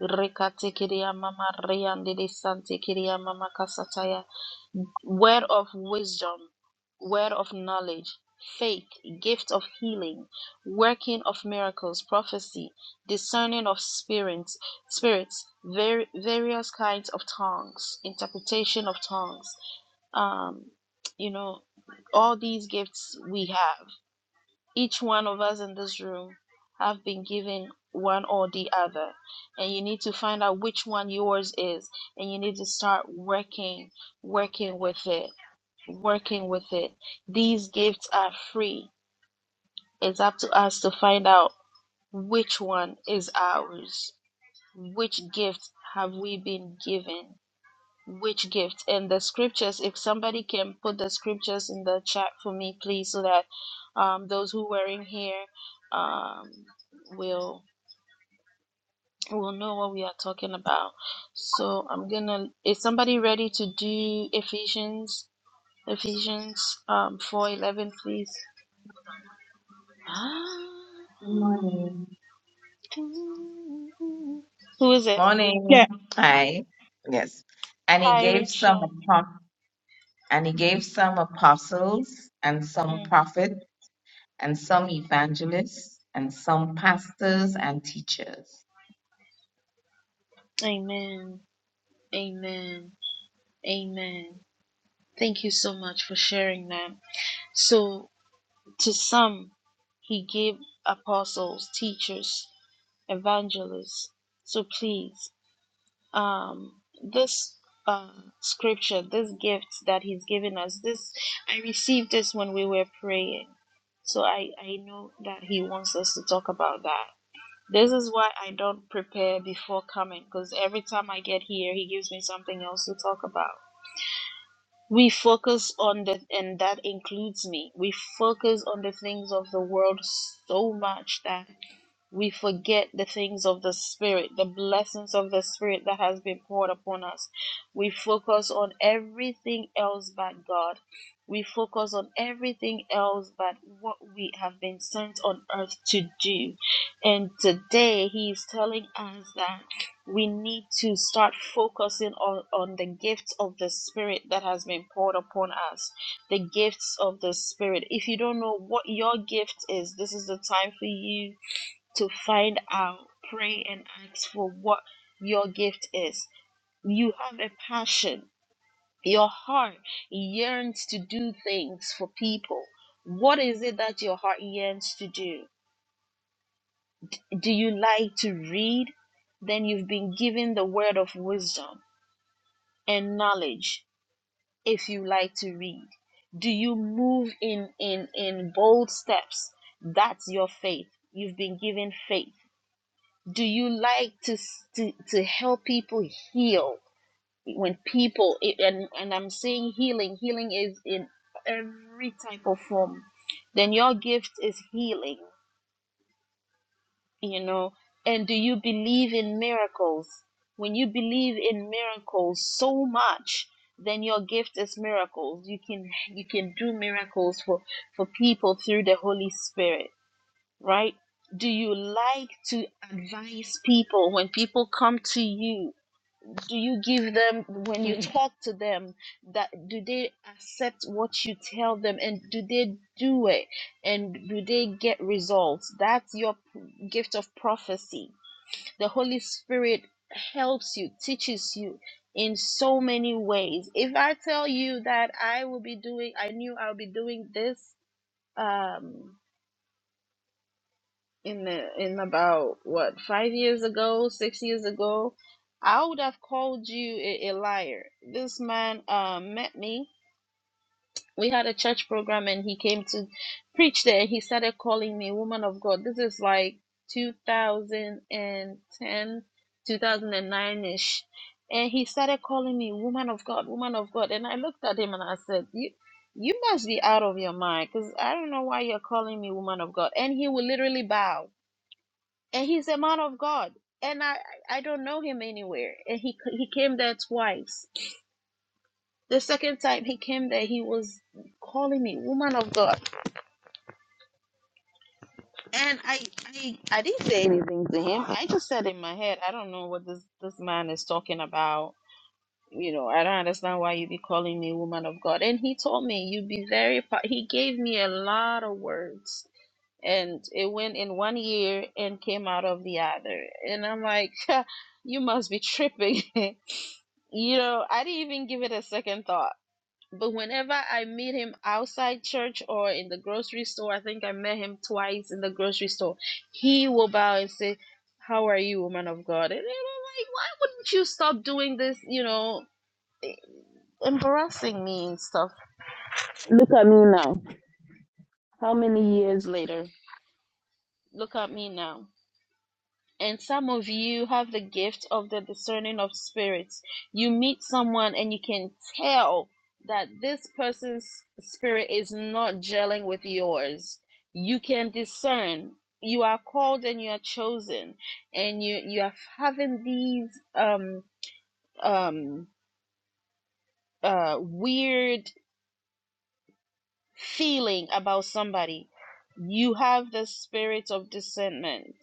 Speaker 1: Rekate kiria mama riandiri sante kiria mama word of wisdom, word of knowledge, faith, gift of healing, working of miracles, prophecy, discerning of spirits, spirits, var- various kinds of tongues, interpretation of tongues. Um, you know, all these gifts we have. Each one of us in this room have been given one or the other, and you need to find out which one yours is, and you need to start working, working with it working with it. These gifts are free. It's up to us to find out which one is ours. Which gift have we been given? Which gift? And the scriptures, if somebody can put the scriptures in the chat for me, please, so that um, those who were in here um, will will know what we are talking about. So I'm gonna. Is somebody ready to do Ephesians? Ephesians um, four eleven, please.
Speaker 6: Good morning.
Speaker 1: Who is it?
Speaker 5: Yeah,
Speaker 6: Morning. Hi. Yes. And he
Speaker 1: Hi,
Speaker 6: gave some
Speaker 1: Rachel.
Speaker 6: apo- and he gave some apostles and some
Speaker 1: Mm.
Speaker 6: prophets and some evangelists and some pastors and teachers.
Speaker 1: Amen. Amen. Amen. Thank you so much for sharing that. So, to some, he gave apostles, teachers, evangelists. So, please. um this uh scripture this gift that he's given us this i received this when we were praying so i i know that he wants us to talk about that this is why i don't prepare before coming because every time i get here he gives me something else to talk about we focus on the and that includes me we focus on the things of the world so much that we forget the things of the spirit the blessings of the spirit that has been poured upon us we focus on everything else but god we focus on everything else but what we have been sent on earth to do and today he is telling us that we need to start focusing on, on the gifts of the spirit that has been poured upon us the gifts of the spirit if you don't know what your gift is this is the time for you to find out, pray and ask for what your gift is. You have a passion. Your heart yearns to do things for people. What is it that your heart yearns to do? Do you like to read? Then you've been given the word of wisdom and knowledge if you like to read. Do you move in in in bold steps? That's your faith. You've been given faith do you like to to, to help people heal when people it, and and i'm saying healing healing is in every type of form then your gift is healing you know and do you believe in miracles when you believe in miracles so much then your gift is miracles you can you can do miracles for for people through the holy spirit right? Do you like to advise people when people come to you? Do you give them, when you talk to them, that do they accept what you tell them and do they do it and do they get results? That's your p- gift of prophecy. The Holy Spirit helps you, teaches you in so many ways. If I tell you that I will be doing, I knew I'll be doing this. Um, in the in about what five years ago, six years ago, I would have called you a, a liar. This man uh, met me. We had a church program, and he came to preach there. He started calling me woman of God. This is like 2010, 2009 ish, and he started calling me woman of God, woman of God. And I looked at him and I said, you. You must be out of your mind because I don't know why you're calling me woman of God. And he would literally bow and he's a man of God. And I, I don't know him anywhere. And he he came there twice. The second time he came there, he was calling me woman of God. And I, I, I didn't say anything to him. I just said in my head, I don't know what this this man is talking about. You know, I don't understand why you be calling me woman of God. And he told me you be very. pa- He gave me a lot of words and it went in one ear and came out of the other. And I'm like, you must be tripping. you know, I didn't even give it a second thought. But whenever I meet him outside church or in the grocery store, I think I met him twice in the grocery store, he will bow and say, How are you, woman of God? And I'm like, Why wouldn't you stop doing this, you know, embarrassing me and stuff? Look at me now. How many years later? Look at me now. And some of you have the gift of the discerning of spirits. You meet someone and you can tell that this person's spirit is not gelling with yours. You can discern. You are called and you are chosen, and you you are having these um um uh weird feeling about somebody. You have the spirit of discernment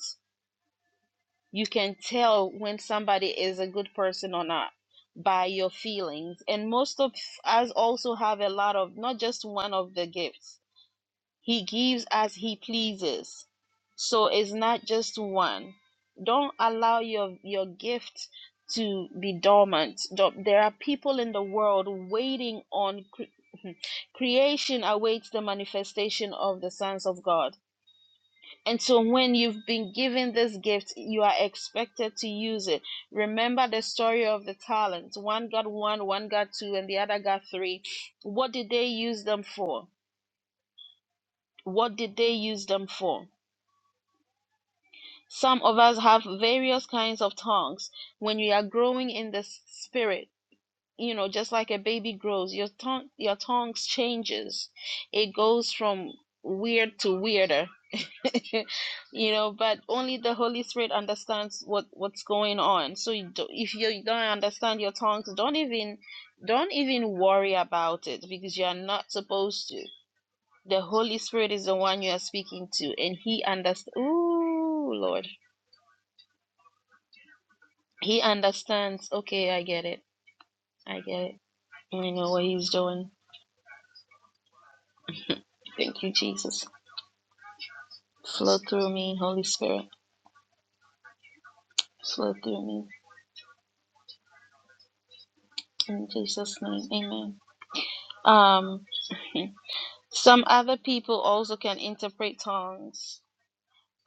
Speaker 1: You can tell when somebody is a good person or not by your feelings. And most of us also have a lot of not just one of the gifts. He gives as he pleases. So it's not just one. Don't allow your your gift to be dormant. Don't- There are people in the world waiting on cre- creation awaits the manifestation of the sons of God and so, when you've been given this gift, you are expected to use it. Remember the story of the talents one got one, one got two, and the other got three. What did they use them for? What did they use them for? Some of us have various kinds of tongues. When you are growing in the spirit, you know, just like a baby grows, your tongue your tongues changes. It goes from weird to weirder you know but only the holy spirit understands what what's going on so you do, if you don't understand your tongues don't even don't even worry about it because you are not supposed to the holy spirit is the one you are speaking to and he understands ooh lord he understands okay i get it i get it i know what he's doing thank you jesus flow through me holy spirit flow through me in jesus name amen um Some other people also can interpret tongues.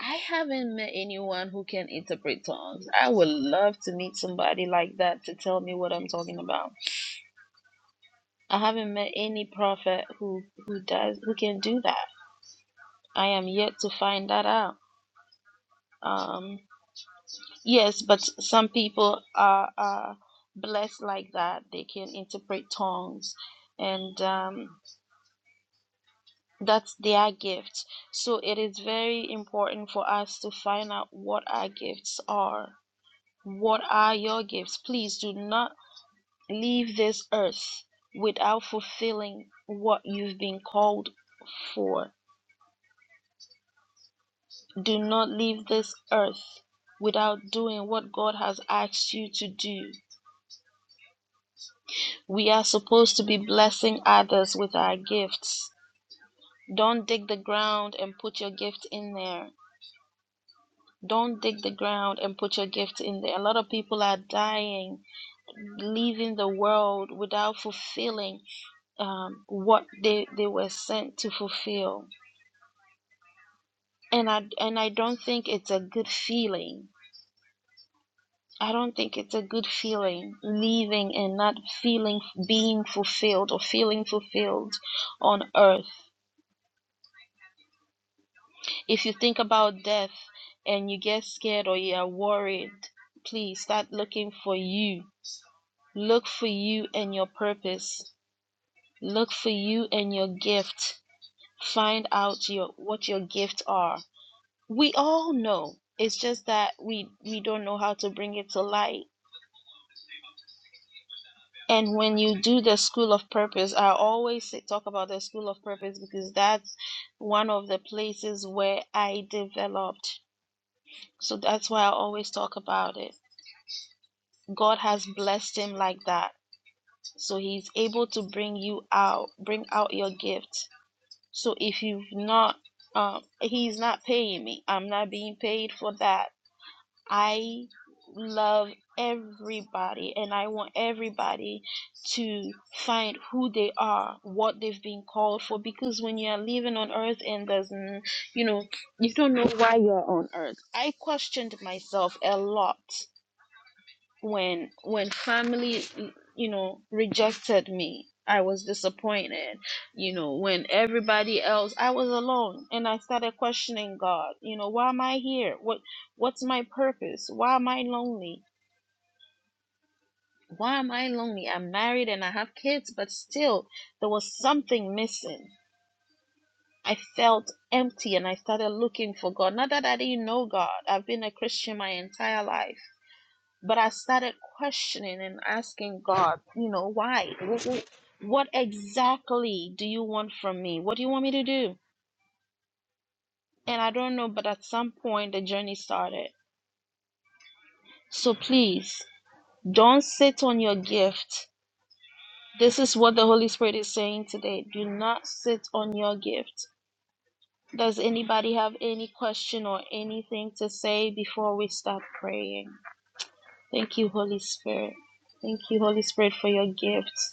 Speaker 1: I haven't met anyone who can interpret tongues. I would love to meet somebody like that to tell me what I'm talking about. I haven't met any prophet who who does who can do that. I am yet to find that out. Um, yes, but some people are, are blessed like that. They can interpret tongues, and um, that's their gift. So it is very important for us to find out what our gifts are. What are your gifts? Please do not leave this earth without fulfilling what you've been called for. Do not leave this earth without doing what God has asked you to do. We are supposed to be blessing others with our gifts. Don't dig the ground and put your gift in there Don't dig the ground and put your gift in there. A lot of people are dying, leaving the world without fulfilling um, what they, they were sent to fulfill. And I, and I don't think it's a good feeling. I don't think it's a good feeling leaving and not feeling being fulfilled or feeling fulfilled on earth. If you think about death and you get scared or you are worried, please start looking for you Look for you and your purpose. Look for you and your gift. Find out your what your gifts are. We all know. It's just that we we don't know how to bring it to light. And when you do the school of purpose, I always talk about the school of purpose because that's one of the places where I developed. So that's why I always talk about it. God has blessed him like that. So he's able to bring you out, bring out your gift So if you've not, um, he's not paying me. I'm not being paid for that. I love everybody and I want everybody to find who they are, what they've been called for. Because when you're living on earth and there's, n- you know, you don't know why you're on earth. I questioned myself a lot when when family you know rejected me i was disappointed you know when everybody else i was alone and i started questioning god you know why am i here what what's my purpose why am i lonely why am i lonely i'm married and i have kids but still there was something missing i felt empty and i started looking for god not that i didn't know god i've been a christian my entire life But I started questioning and asking God, you know, why? What exactly do you want from me? What do you want me to do? And I don't know, but at some point the journey started. So please don't sit on your gift. This is what the Holy Spirit is saying today. Do not sit on your gift. Does anybody have any question or anything to say before we start praying? Thank you, Holy Spirit. Thank you, Holy Spirit, for your gifts.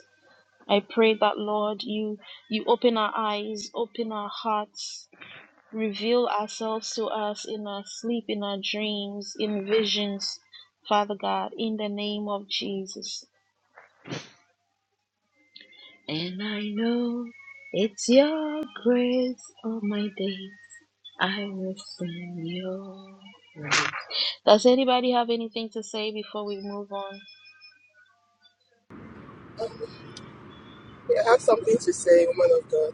Speaker 1: I pray that Lord, you you open our eyes, open our hearts, reveal ourselves to us in our sleep, in our dreams, in visions, Father God, in the name of Jesus. And I know it's your grace all my days. I will sing your praise. Does anybody have anything to say before we move on?
Speaker 7: Yeah, I have something to say, woman of God.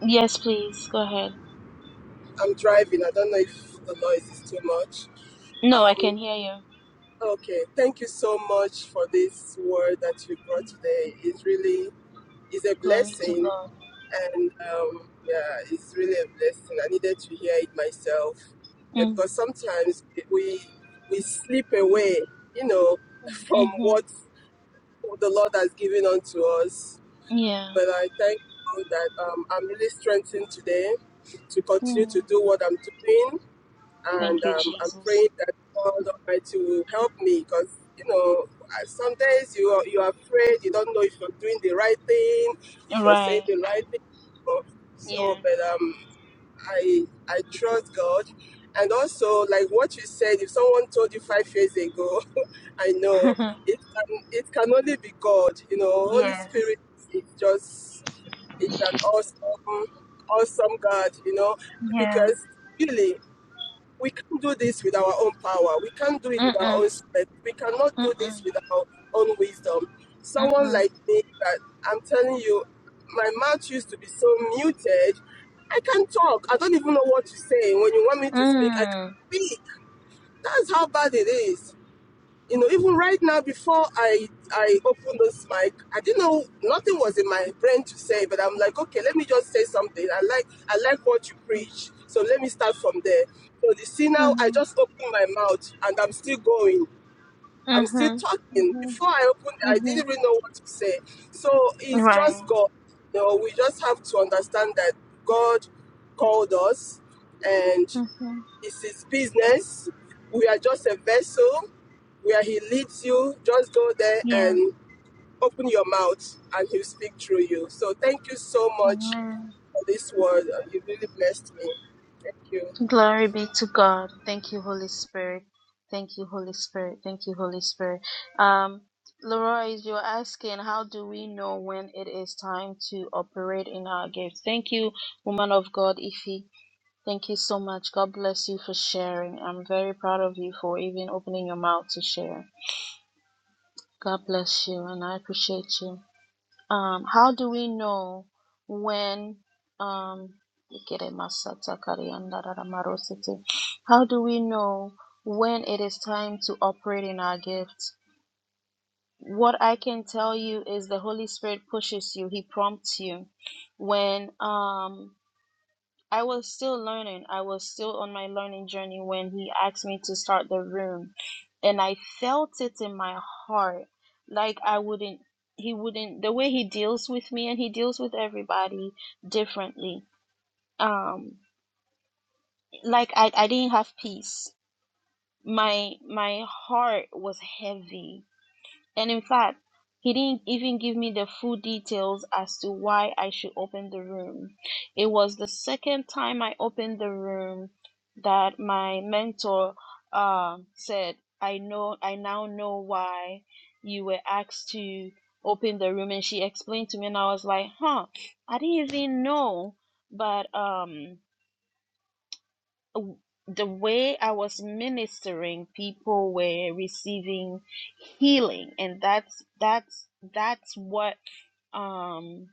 Speaker 1: Yes, please, go ahead.
Speaker 7: I'm driving. I don't know if the noise is too much.
Speaker 1: No, I
Speaker 7: Um,
Speaker 1: can hear you.
Speaker 7: okay. Thank you so much for this word that you brought today. It really is a
Speaker 1: Glory to
Speaker 7: blessing,
Speaker 1: God.
Speaker 7: and um, yeah, it's really a blessing. I needed to hear it myself, yeah,
Speaker 1: Mm,
Speaker 7: because sometimes we we slip away, you know, from
Speaker 1: hmm
Speaker 7: what the Lord has given unto us.
Speaker 1: Yeah.
Speaker 7: But I thank God that um, I'm really strengthened today to continue to
Speaker 1: Mm.
Speaker 7: do what I'm doing.
Speaker 1: Thank
Speaker 7: And
Speaker 1: you,
Speaker 7: um, I'm
Speaker 1: Jesus.
Speaker 7: praying that God Almighty will help me because, you know, I- some days you are, you are afraid, you don't know if you're doing the right thing, if you're saying
Speaker 1: Right.
Speaker 7: the right thing. So, so,
Speaker 1: Yeah.
Speaker 7: but um, I, I trust God. And also, like what you said, if someone told you five years ago, I know it can, it can only be God, you know, Holy
Speaker 1: yes.
Speaker 7: Spirit is just is an awesome, awesome God, you know,
Speaker 1: Yeah.
Speaker 7: because really we can't do this with our own power. We can't do it with our
Speaker 1: Mm-mm.
Speaker 7: own strength. We cannot do
Speaker 1: Mm-mm.
Speaker 7: this with our own wisdom. Someone
Speaker 1: Mm-mm.
Speaker 7: like me that I'm telling you, my mouth used to be so muted. I can't talk. I don't even know what to say. When you want me to speak, I can't
Speaker 1: Mm.
Speaker 7: speak. That's how bad it is you know, even right now, before I I opened this mic, I didn't know nothing was in my brain to say, but I'm like, okay, let me just say something. I like I like what you preach, so let me start from there. So you see now, I
Speaker 1: Mm-hmm.
Speaker 7: just opened my mouth and I'm still going. I'm still
Speaker 1: Mm-hmm.
Speaker 7: talking.
Speaker 1: Mm-hmm.
Speaker 7: Before I opened, I didn't
Speaker 1: Mm-hmm.
Speaker 7: really know what to say. So it's
Speaker 1: Right.
Speaker 7: just God. You know, we just have to understand that God called us, and.
Speaker 1: Mm-hmm.
Speaker 7: It's his business. We are just a vessel where he leads you. Just go there
Speaker 1: Yeah.
Speaker 7: and open your mouth and he'll speak through you. So thank you so much
Speaker 1: Amen.
Speaker 7: for this word. You really blessed me. Thank you.
Speaker 1: Glory be to God. Thank you, Holy Spirit. Thank you, Holy Spirit. Thank you, Holy Spirit. Um, Leroy, you're asking, how do we know when it is time to operate in our gifts? Thank you, woman of God, Ife. Thank you so much. God bless you for sharing. I'm very proud of you for even opening your mouth to share. God bless you, and I appreciate you. Um, how do we know when? Um, how do we know when it is time to operate in our gifts? What I can tell you is the Holy Spirit pushes you. He prompts you when. Um, I was still learning. I was still on my learning journey when he asked me to start the room. And I felt it in my heart. Like I wouldn't, he wouldn't, the way he deals with me and he deals with everybody differently. Um, like I, I didn't have peace. My my heart was heavy and in fact, he didn't even give me the full details as to why I should open the room. It was the second time I opened the room that my mentor um said, I know, I now know why you were asked to open the room. And she explained to me, and I was like, huh, I didn't even know. But, um, w- the way I was ministering, people were receiving healing, and that's that's that's what um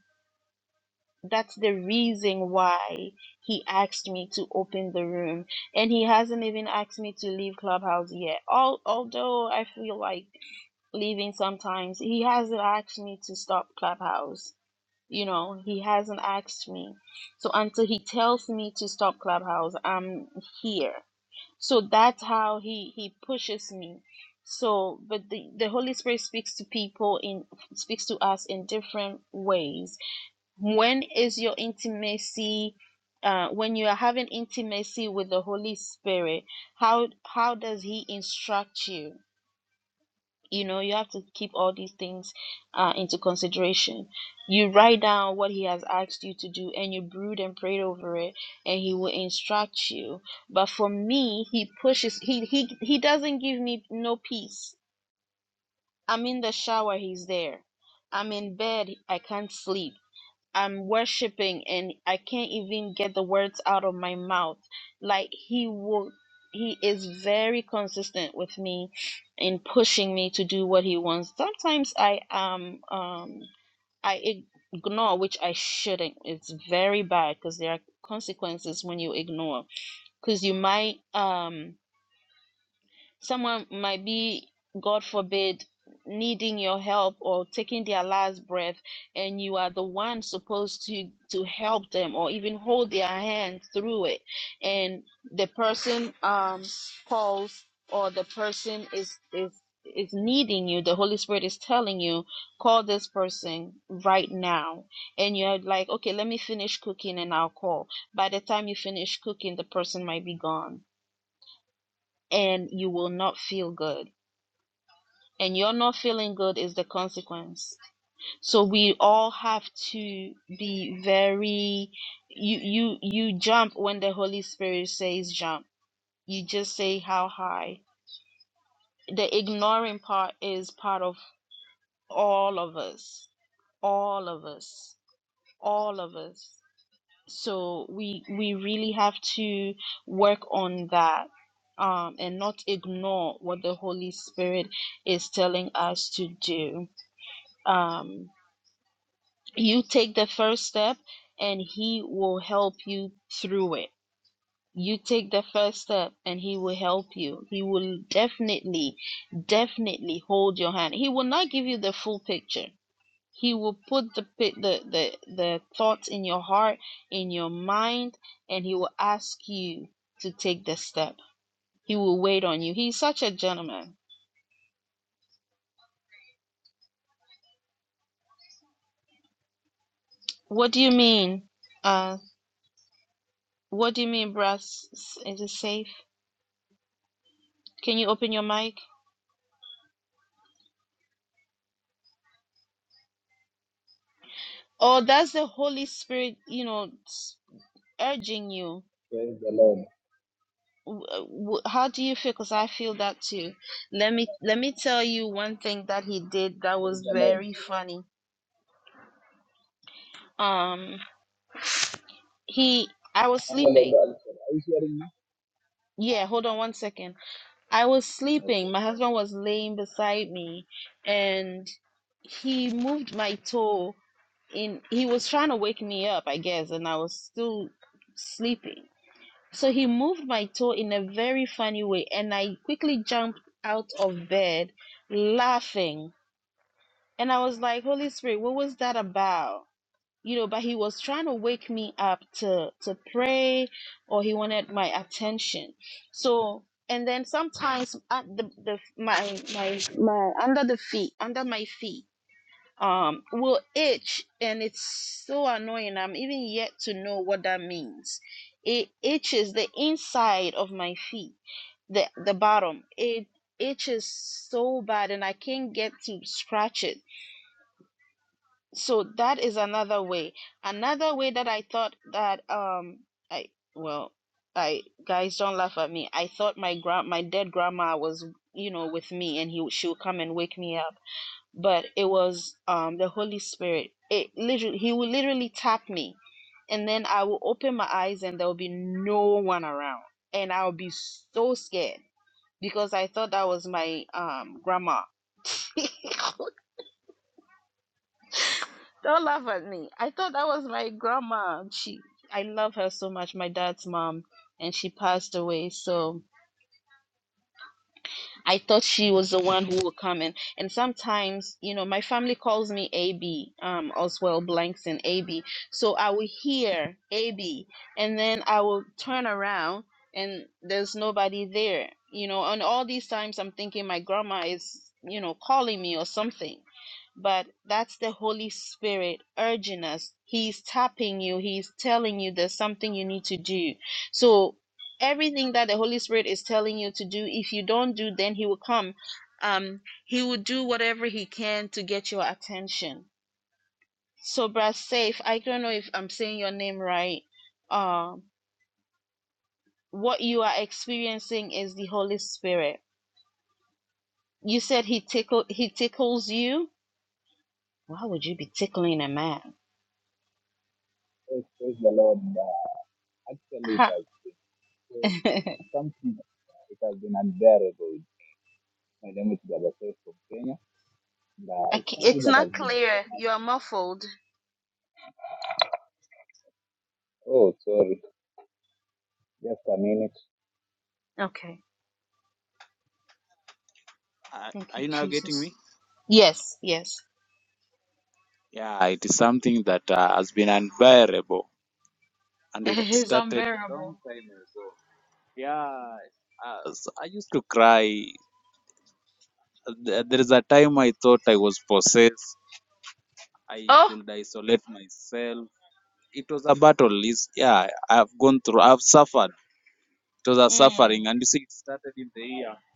Speaker 1: that's the reason why he asked me to open the room and he hasn't even asked me to leave clubhouse yet Al although i feel like leaving sometimes he hasn't asked me to stop clubhouse you know, he hasn't asked me. So until he tells me to stop Clubhouse, I'm here. So that's how he he pushes me. So, but the the Holy Spirit speaks to people in speaks to us in different ways. When is your intimacy? Uh, when you are having intimacy with the Holy Spirit, how how does He instruct you? you know you have to keep all these things uh, into consideration you write down what he has asked you to do and you brood and pray over it and he will instruct you but for me he pushes he he, he doesn't give me no peace i'm in the shower he's there i'm in bed i can't sleep I'm worshiping and I can't even get the words out of my mouth. Like he will he is very consistent with me in pushing me to do what he wants. Sometimes I am um I ignore which I shouldn't. It's very bad because there are consequences when you ignore because you might um Someone might be, God forbid, needing your help or taking their last breath, and you are the one supposed to to help them or even hold their hand through it. And the person um calls or the person is is is needing you. The Holy Spirit is telling you, call this person right now. And you're like, okay, let me finish cooking and I'll call. By the time you finish cooking, the person might be gone and you will not feel good and you're not feeling good is the consequence so we all have to be very you you you jump when the holy spirit says jump you just say how high the ignoring part is part of all of us all of us all of us so we we really have to work on that um, and not ignore what the holy spirit is telling us to do um you take the first step and he will help you through it you take the first step and he will help you he will definitely definitely hold your hand he will not give you the full picture he will put the the the, the thoughts in your heart in your mind and he will ask you to take the step he will wait on you he's such a gentleman what do you mean uh what do you mean brass is it safe can you open your mic Or that's the Holy Spirit, you know, s- urging you.
Speaker 8: Praise the Lord.
Speaker 1: W- w- How do you feel? Because I feel that too. Let me let me tell you one thing that he did that
Speaker 8: Praise
Speaker 1: was
Speaker 8: the Lord.
Speaker 1: very funny. Um, he I was sleeping.
Speaker 8: Hallelujah. I'm sorry. Are you hearing me?
Speaker 1: Yeah, hold on one second. I was
Speaker 8: Okay.
Speaker 1: sleeping. My husband was laying beside me, and he moved my toe in. He was trying to wake me up, I guess, and I was still sleeping So he moved my toe in a very funny way, and I quickly jumped out of bed laughing. And I was like, Holy Spirit, what was that about? You know, but he was trying to wake me up to to pray, or he wanted my attention. So, and then sometimes at the, the my my my under the feet, under my feet um will itch and it's so annoying i'm even yet to know what that means it itches the inside of my feet the the bottom it itches so bad and i can't get to scratch it so that is another way another way that i thought that um i well i guys don't laugh at me i thought my grand my dead grandma was you know with me and he she would come and wake me up but it was um the Holy Spirit. It literally he would literally tap me and then I will open my eyes and there will be no one around. And I'll be so scared because I thought that was my um grandma. Don't laugh at me. I thought that was my grandma. She I love her so much, my dad's mom, and she passed away. So I thought she was the one who would come in. And sometimes, you know, my family calls me AB, um, Oswald Blanks and AB. So I will hear AB, and then I will turn around, and there's nobody there. You know, and all these times I'm thinking my grandma is, you know, calling me or something. But that's the Holy Spirit urging us. He's tapping you. He's telling you there's something you need to do. So everything that the holy spirit is telling you to do if you don't do then he will come um he will do whatever he can to get your attention so brother safe i don't know if i'm saying your name right um what you are experiencing is the holy spirit you said he tickle he tickles you why would you be tickling a man
Speaker 8: Praise, praise the Lord. Uh, actually, it
Speaker 1: Ha.
Speaker 8: has been so-
Speaker 1: I
Speaker 8: it's something that uh, it has been unbearable. My name is Brother Seth from Kenya. And, uh, it's
Speaker 1: ca-
Speaker 8: something
Speaker 1: it's
Speaker 8: that has
Speaker 1: not
Speaker 8: been.
Speaker 1: clear you are muffled
Speaker 8: Oh, sorry. Just a minute.
Speaker 1: okay
Speaker 8: Uh,
Speaker 1: thank
Speaker 8: are
Speaker 1: you
Speaker 8: you now getting
Speaker 1: jesus
Speaker 8: me?
Speaker 1: yes yes
Speaker 8: Yeah, it is something that uh, has been unbearable, and it
Speaker 1: it is
Speaker 8: started long
Speaker 1: unbearable
Speaker 8: time ago. Yeah, uh, so I used to cry. There there is a time I thought I was possessed I
Speaker 1: oh
Speaker 8: could isolate myself. It was a battle. It's, yeah, I've gone through, I've suffered. It was a
Speaker 1: mm.
Speaker 8: suffering. And you see, it started in the year, it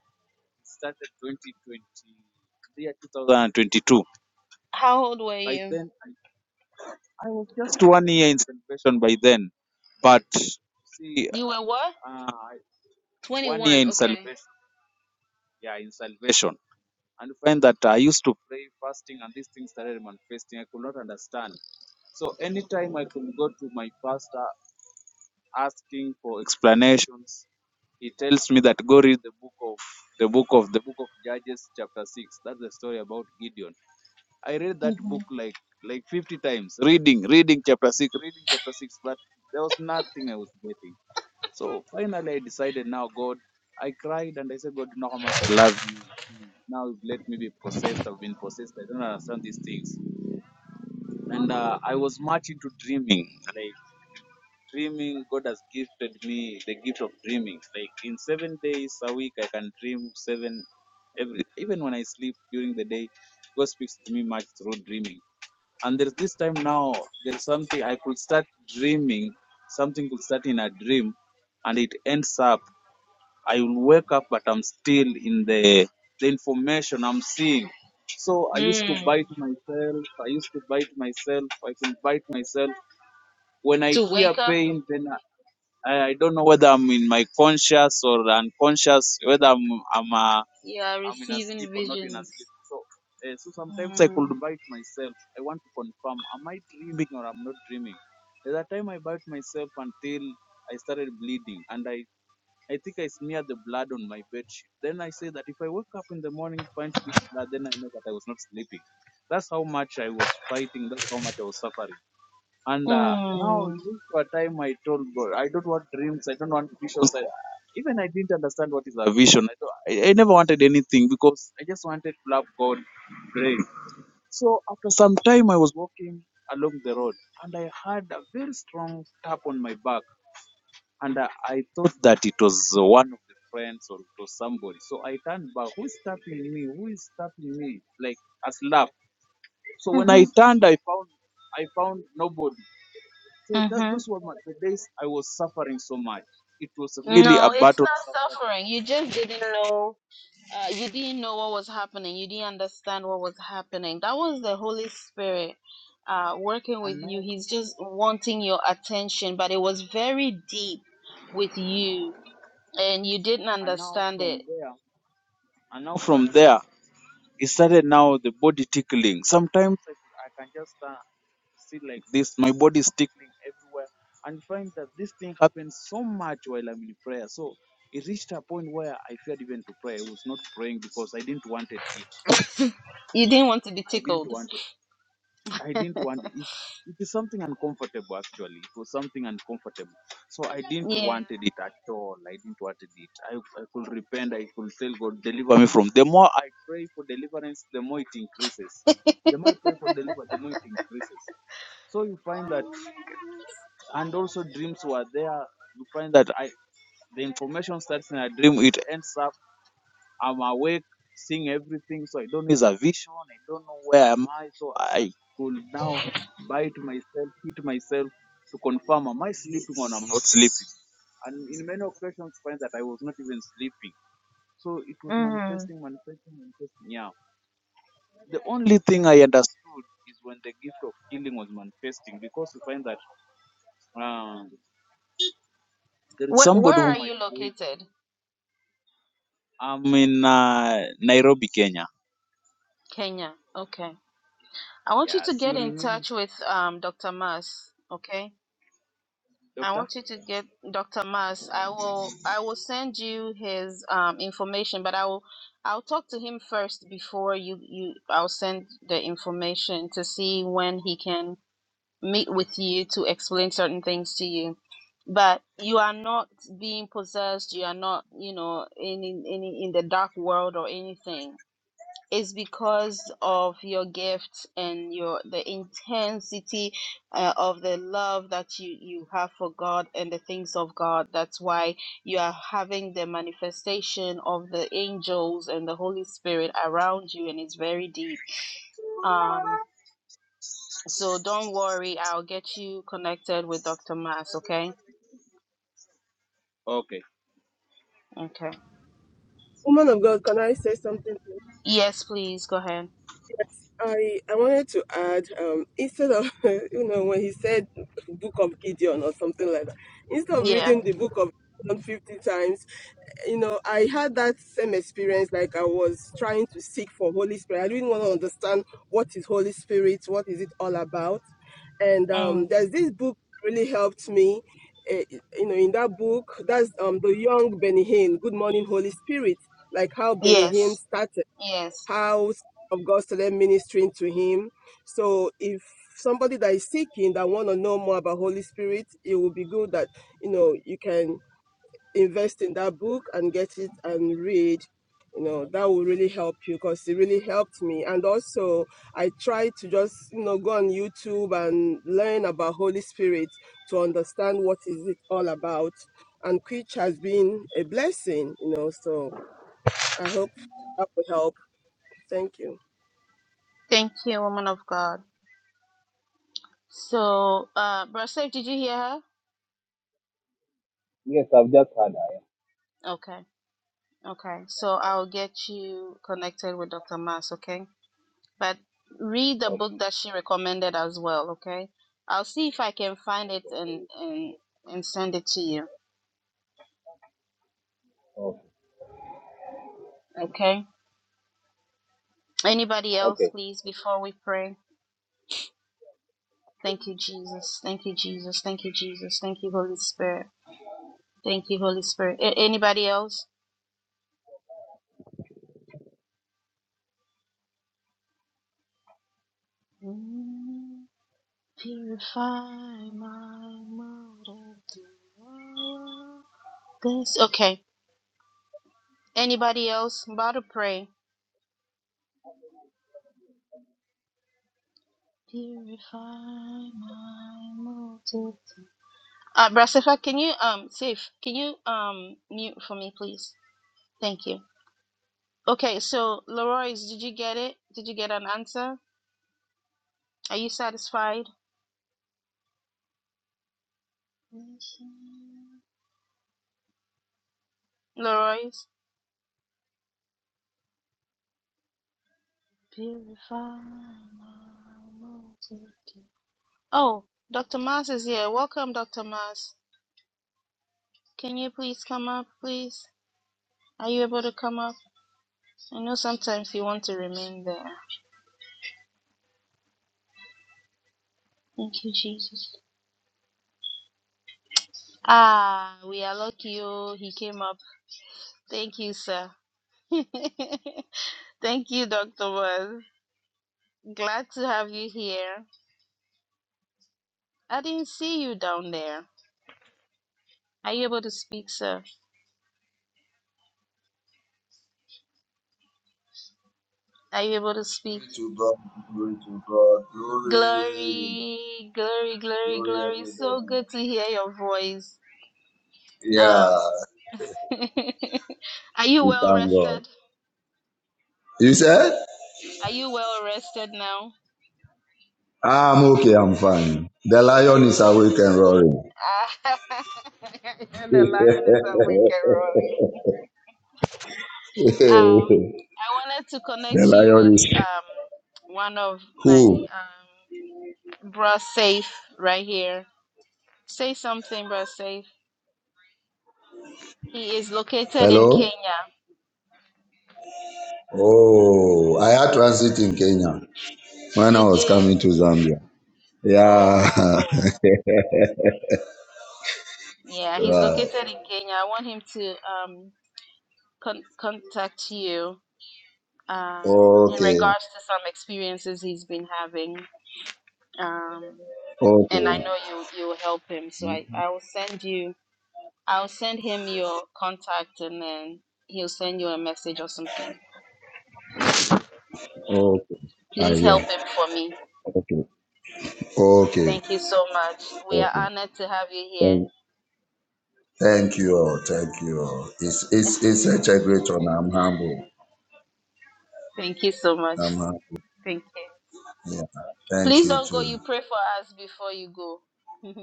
Speaker 8: started 2020, the year 2022.
Speaker 1: How old were
Speaker 8: By
Speaker 1: you?
Speaker 8: then, I, I was just one year in salvation by then. But see,
Speaker 1: You were what?
Speaker 8: uh, one year
Speaker 1: 21,
Speaker 8: in
Speaker 1: okay.
Speaker 8: salvation. Yeah, in salvation. And you find that I used to pray, fasting, and these things started manifesting. I could not understand. So anytime I could go to my pastor, asking for explanations, he tells me that go read the book of the book of the book of Judges chapter six. That's the story about Gideon. I read that book
Speaker 1: Mm-hmm.
Speaker 8: like like fifty times, reading, reading chapter six, reading chapter six, but there was nothing I was getting. So finally I decided now God I cried and I said, God, you know how much I love you. Now let me be possessed. I've been possessed. I don't understand these things. And uh, I was much into dreaming. like dreaming god has gifted me the gift of dreaming like in seven days a week i can dream seven every even when i sleep during the day god speaks to me much through dreaming and there's this time now there's something i could start dreaming something could start in a dream and it ends up i will wake up but i'm still in the the information i'm seeing so i used to
Speaker 1: Mm.
Speaker 8: bite myself i used to bite myself i can bite myself when I
Speaker 1: To
Speaker 8: hear
Speaker 1: wake up,
Speaker 8: pain, then I, I don't know whether I'm in my conscious or unconscious, whether I'm I'm uh,
Speaker 1: you are
Speaker 8: I'm in a
Speaker 1: receiving
Speaker 8: sleep or not in a
Speaker 1: visions.
Speaker 8: sleep. So uh, so sometimes I
Speaker 1: Mm.
Speaker 8: could bite myself. I want to confirm: am I dreaming or I'm not dreaming? There's a time I bite myself until I started bleeding, and I I think I smeared the blood on my bed sheet. Then I say that if I wake up in the morning finds this blood, then I know that I was not sleeping. That's how much I was fighting. That's how much I was suffering. And uh, now
Speaker 1: Mm.
Speaker 8: it reached a time I told God, I don't want dreams, I don't want visions. I, even I didn't understand what is a vision. I, don't, I, I never wanted anything because I just wanted to love God, pray. So after some time, I was walking along the road and I heard a very strong tap on my back. And uh, I thought that it was uh, one of the friends or it was somebody. So I turned back, who is tapping me? Who is tapping me? Like a slap. So when I
Speaker 1: Mm-hmm.
Speaker 8: turned, I found I found nobody. So that,
Speaker 1: Mm-hmm.
Speaker 8: those were my, the days I was suffering so much. It was really a
Speaker 1: No, it's
Speaker 8: battle
Speaker 1: not
Speaker 8: suffering.
Speaker 1: suffering. You just didn't know. Uh, you didn't know what was happening. You didn't understand what was happening. That was the Holy Spirit uh, working with
Speaker 8: And
Speaker 1: you.
Speaker 8: now,
Speaker 1: He's just wanting your attention, but it was very deep with you, and you didn't
Speaker 8: and now
Speaker 1: understand it.
Speaker 8: from there, and now from there, it started now the body tickling. Sometimes I, I can just uh, see like this, my body is tickling everywhere, and find that this thing happens so much while I'm in prayer. So it reached a point where I feared even to pray. I was not praying because I didn't wanted it.
Speaker 1: You didn't want to be
Speaker 8: I didn't
Speaker 1: tickled.
Speaker 8: want it. I didn't want it. It is something uncomfortable, actually. It was something uncomfortable. So I didn't
Speaker 1: Yeah.
Speaker 8: wanted it at all. I didn't wanted it. I, I could repent. I could tell God, deliver me from. The more I pray for deliverance, the more it increases. The more I pray for deliverance, the more it increases. So you find that, and also dreams were there. You find that I, the information starts in a dream. It ends up. I'm awake, seeing everything, so I don't need a vision. I don't know where am I, so I could now bite myself, hit myself to confirm am I sleeping or I'm not sleeping. And in many occasions, find that I was not even sleeping. So it was
Speaker 1: Mm.
Speaker 8: manifesting, manifesting, manifesting. Yeah. The only thing I understood is when the gift of healing was manifesting, because you find that um, there is
Speaker 1: Where
Speaker 8: somebody
Speaker 1: where are
Speaker 8: whom I
Speaker 1: you
Speaker 8: prayed.
Speaker 1: located?
Speaker 8: I'm in uh, Nairobi, Kenya.
Speaker 1: Kenya. Okay. I want you to
Speaker 8: Yes, you
Speaker 1: get in
Speaker 8: remember,
Speaker 1: touch with um Dr. Mas, okay? I
Speaker 8: Doctor?
Speaker 1: want you to get Dr. Mas. I will I will send you his um information, but I will I'll talk to him first before you you I'll send the information to see when he can meet with you to explain certain things to you but you are not being possessed you are not you know in in in, in the dark world or anything it's because of your gifts and your the intensity uh, of the love that you you have for god and the things of god that's why you are having the manifestation of the angels and the holy spirit around you and it's very deep Um. So don't worry, I'll get you connected with Dr. Mas. okay?
Speaker 8: Okay.
Speaker 1: Okay.
Speaker 7: Woman of God, can I say something? to
Speaker 1: Yes, please, go ahead.
Speaker 7: Yes, I I wanted to add um, instead of you know when he said Book of Gideon or something like that, instead of
Speaker 1: Yeah.
Speaker 7: reading the Book of Gideon fifty times, you know I had that same experience. Like I was trying to seek for Holy Spirit. I didn't want to understand what is Holy Spirit, what is it all about, and um,
Speaker 1: Mm.
Speaker 7: there's this book really helped me. eh, You know, in that book, that's um, the young Benny Hinn, Good Morning Holy Spirit, like how Benny Hinn
Speaker 1: Yes.
Speaker 7: started
Speaker 1: Yes.
Speaker 7: house of God started ministering to him. So if somebody that is seeking that want to know more about Holy Spirit, it will be good that you know you can invest in that book and get it and read. You know that will really help you because it really helped me. And also, I try to just you know go on YouTube and learn about Holy Spirit to understand what is it all about. And which has been a blessing, you know. So I hope that will help. Thank you.
Speaker 1: Thank you, woman of God. So, uh, Brother Safe, did you hear her?
Speaker 8: Yes, I've just had I
Speaker 1: Okay. Okay. So I'll get you connected with Dr. Mas. okay? But read the
Speaker 8: Okay.
Speaker 1: book that she recommended as well, okay? I'll see if I can find it and and, and send it to you,
Speaker 8: Okay.
Speaker 1: okay? Anybody else,
Speaker 8: okay.
Speaker 1: please, before we pray? Thank you, Jesus. Thank you, Jesus. Thank you, Jesus. Thank you, Holy Spirit. Thank you, Holy Spirit. A- anybody else? Mm, purify my motive. This okay. Anybody else? I'm about to pray. Purify my motive. Uh, Brasifa, can you um, safe? Can you um, mute for me, please? Thank you. Okay, so Leroy's, did you get it? Did you get an answer? Are you satisfied? Leroy's Purify my multitude. Oh, Dr. Mas is here. Welcome, Dr. Mas. Can you please come up, please? Are you able to come up? I know sometimes you want to remain there. Thank you, Jesus. Ah, we are lucky. Oh, he came up. Thank you, sir. Thank you, Dr. Mas. Glad to have you here. I didn't see you down there. Are you able to speak, sir? Are you able to speak?
Speaker 9: Glory to God, glory to God, glory,
Speaker 1: Glory, glory, glory,
Speaker 9: glory
Speaker 1: glory. So
Speaker 9: everybody.
Speaker 1: good to hear your voice.
Speaker 9: Yeah,
Speaker 1: Um, are you
Speaker 9: we
Speaker 1: well
Speaker 9: thank God.
Speaker 1: rested?
Speaker 9: You said?
Speaker 1: Are you well rested now?
Speaker 9: I'm okay, I'm fine. The lion
Speaker 1: Thank
Speaker 9: is
Speaker 1: God.
Speaker 9: awake and roaring.
Speaker 1: Ah,
Speaker 9: the
Speaker 1: the lion is awake and roaring. Um, I wanted to connect you with
Speaker 9: lion is
Speaker 1: um one of my
Speaker 9: who?
Speaker 1: um bro safe right here. Say something, bro safe. He is located in
Speaker 9: Hello?
Speaker 1: Kenya.
Speaker 9: Oh, I had transit in Kenya when
Speaker 1: You
Speaker 9: I was
Speaker 1: did.
Speaker 9: coming to Zambia. Yeah,
Speaker 1: Oh. Yeah, he's
Speaker 9: right.
Speaker 1: located in Kenya. I want him to um con contact you um in
Speaker 9: Okay,
Speaker 1: regards to some experiences he's been having. Um and I
Speaker 9: okay,
Speaker 1: know you you'll help him. So I I will send you I'll send him your contact and then he'll send you a message or something.
Speaker 9: okay. I
Speaker 1: Please help
Speaker 9: hear.
Speaker 1: him for me.
Speaker 9: Okay. Okay.
Speaker 1: Thank you so much. We are
Speaker 9: Okay.
Speaker 1: honored to have you here.
Speaker 9: Thank, thank you all. Thank you all. It's it's it's such a great honor. I'm humble.
Speaker 1: Thank you so much.
Speaker 9: I'm humble.
Speaker 1: Thank you.
Speaker 9: Yeah. Thank
Speaker 1: Please
Speaker 9: you
Speaker 1: don't go.
Speaker 9: too.
Speaker 1: You pray for us before you go.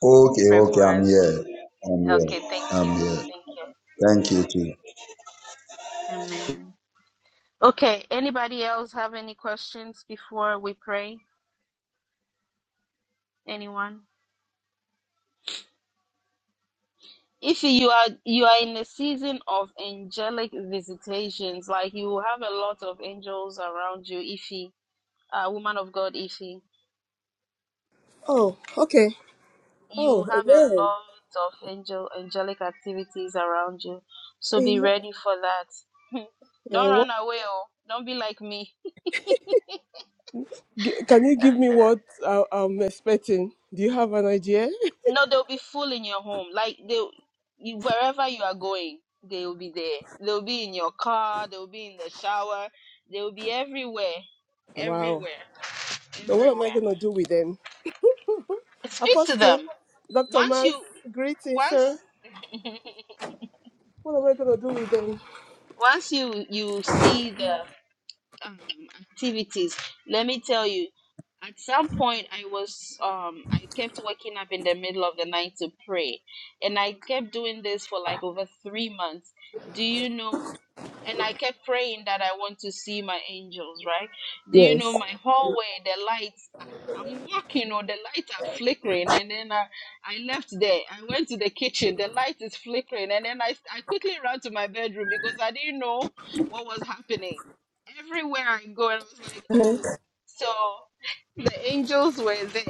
Speaker 9: Okay.
Speaker 1: pray for
Speaker 9: Okay. I'm
Speaker 1: us.
Speaker 9: here. I'm here.
Speaker 1: Okay, thank you.
Speaker 9: I'm here.
Speaker 1: Thank you.
Speaker 9: Thank you too.
Speaker 1: Amen. Okay, anybody else have any questions before we pray? Anyone? If you are you are in a season of angelic visitations, like you have a lot of angels around you, Ify, uh, woman of God, Ify,
Speaker 7: Oh, okay.
Speaker 1: you
Speaker 7: Oh,
Speaker 1: have a
Speaker 7: amen.
Speaker 1: lot of angel angelic activities around you. So be
Speaker 7: Amen.
Speaker 1: ready for that. Don't
Speaker 7: Uh,
Speaker 1: run
Speaker 7: what,
Speaker 1: away, oh! Don't be like me.
Speaker 7: g- can you give me what I, I'm expecting? Do you have an idea?
Speaker 1: No, they'll be full in your home. Like they, you, wherever you are going, they'll be there. They'll be in your car. They'll be in the shower. They'll be everywhere,
Speaker 7: Wow.
Speaker 1: everywhere,
Speaker 7: So what am I
Speaker 1: everywhere.
Speaker 7: going to do with them?
Speaker 1: Speak to
Speaker 7: Apostle,
Speaker 1: them.
Speaker 7: Dr.
Speaker 1: Once
Speaker 7: Mars,
Speaker 1: you,
Speaker 7: greetings,
Speaker 1: once,
Speaker 7: sir. What am I going to do with them?
Speaker 1: once you you see them. um, activities. Let me tell you, at some point I was um I kept waking up in the middle of the night to pray. And I kept doing this for like over three months. Do you know and I kept praying that I want to see my angels, right? Do you know
Speaker 7: Yes.
Speaker 1: my hallway, the lights ah, I'm walking or the lights are flickering and then I, I left there. I went to the kitchen, the light is flickering and then I I quickly ran to my bedroom because I didn't know what was happening everywhere I go, and I was like, oh, so the angels were there.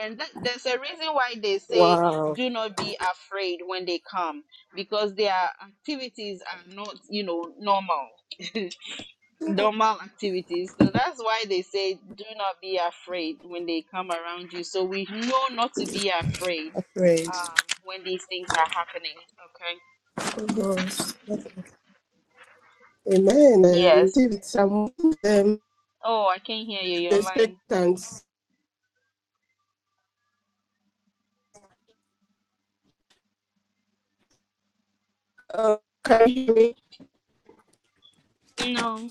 Speaker 1: And that, there's a reason why they say,
Speaker 7: Wow.
Speaker 1: do not be afraid when they come, because their activities are not, you know, normal, normal activities. So that's why they say, do not be afraid when they come around you. So we know not to be afraid
Speaker 7: Afraid.
Speaker 1: um, when these things are happening. Okay.
Speaker 7: Oh, okay. Amen. I
Speaker 1: Yes.
Speaker 7: receive it. I'm um,
Speaker 1: Oh, I can't hear you. You're lying.
Speaker 7: expectant. Uh, can you hear me?
Speaker 1: No.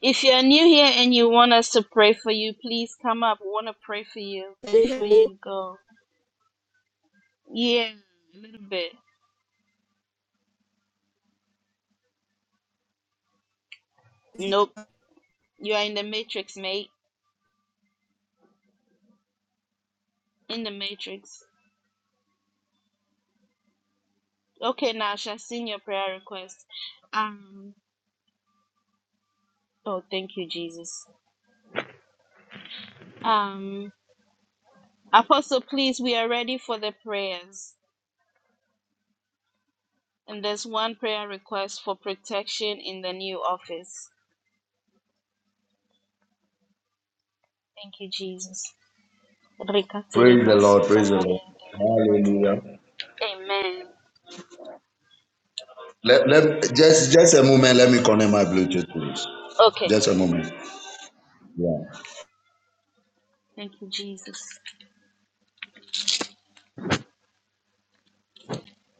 Speaker 1: If you're new here and you want us to pray for you, please come up. We want to pray for you
Speaker 7: Can you
Speaker 1: before you go. Yeah, a little bit.
Speaker 7: hear me?
Speaker 1: Nope. You are in the matrix, mate. In the matrix. Okay, now I've seen your prayer request. Um. Oh, thank you, Jesus. Um, Apostle, please, we are ready for the prayers. And there's one prayer request for protection in the new office. Thank you, Jesus.
Speaker 9: Praise the Lord. Praise the Lord. Hallelujah.
Speaker 1: Amen.
Speaker 9: Let, let just just a moment. Let me connect my Bluetooth, please.
Speaker 1: Okay.
Speaker 9: Just a moment. Yeah.
Speaker 1: Thank you, Jesus.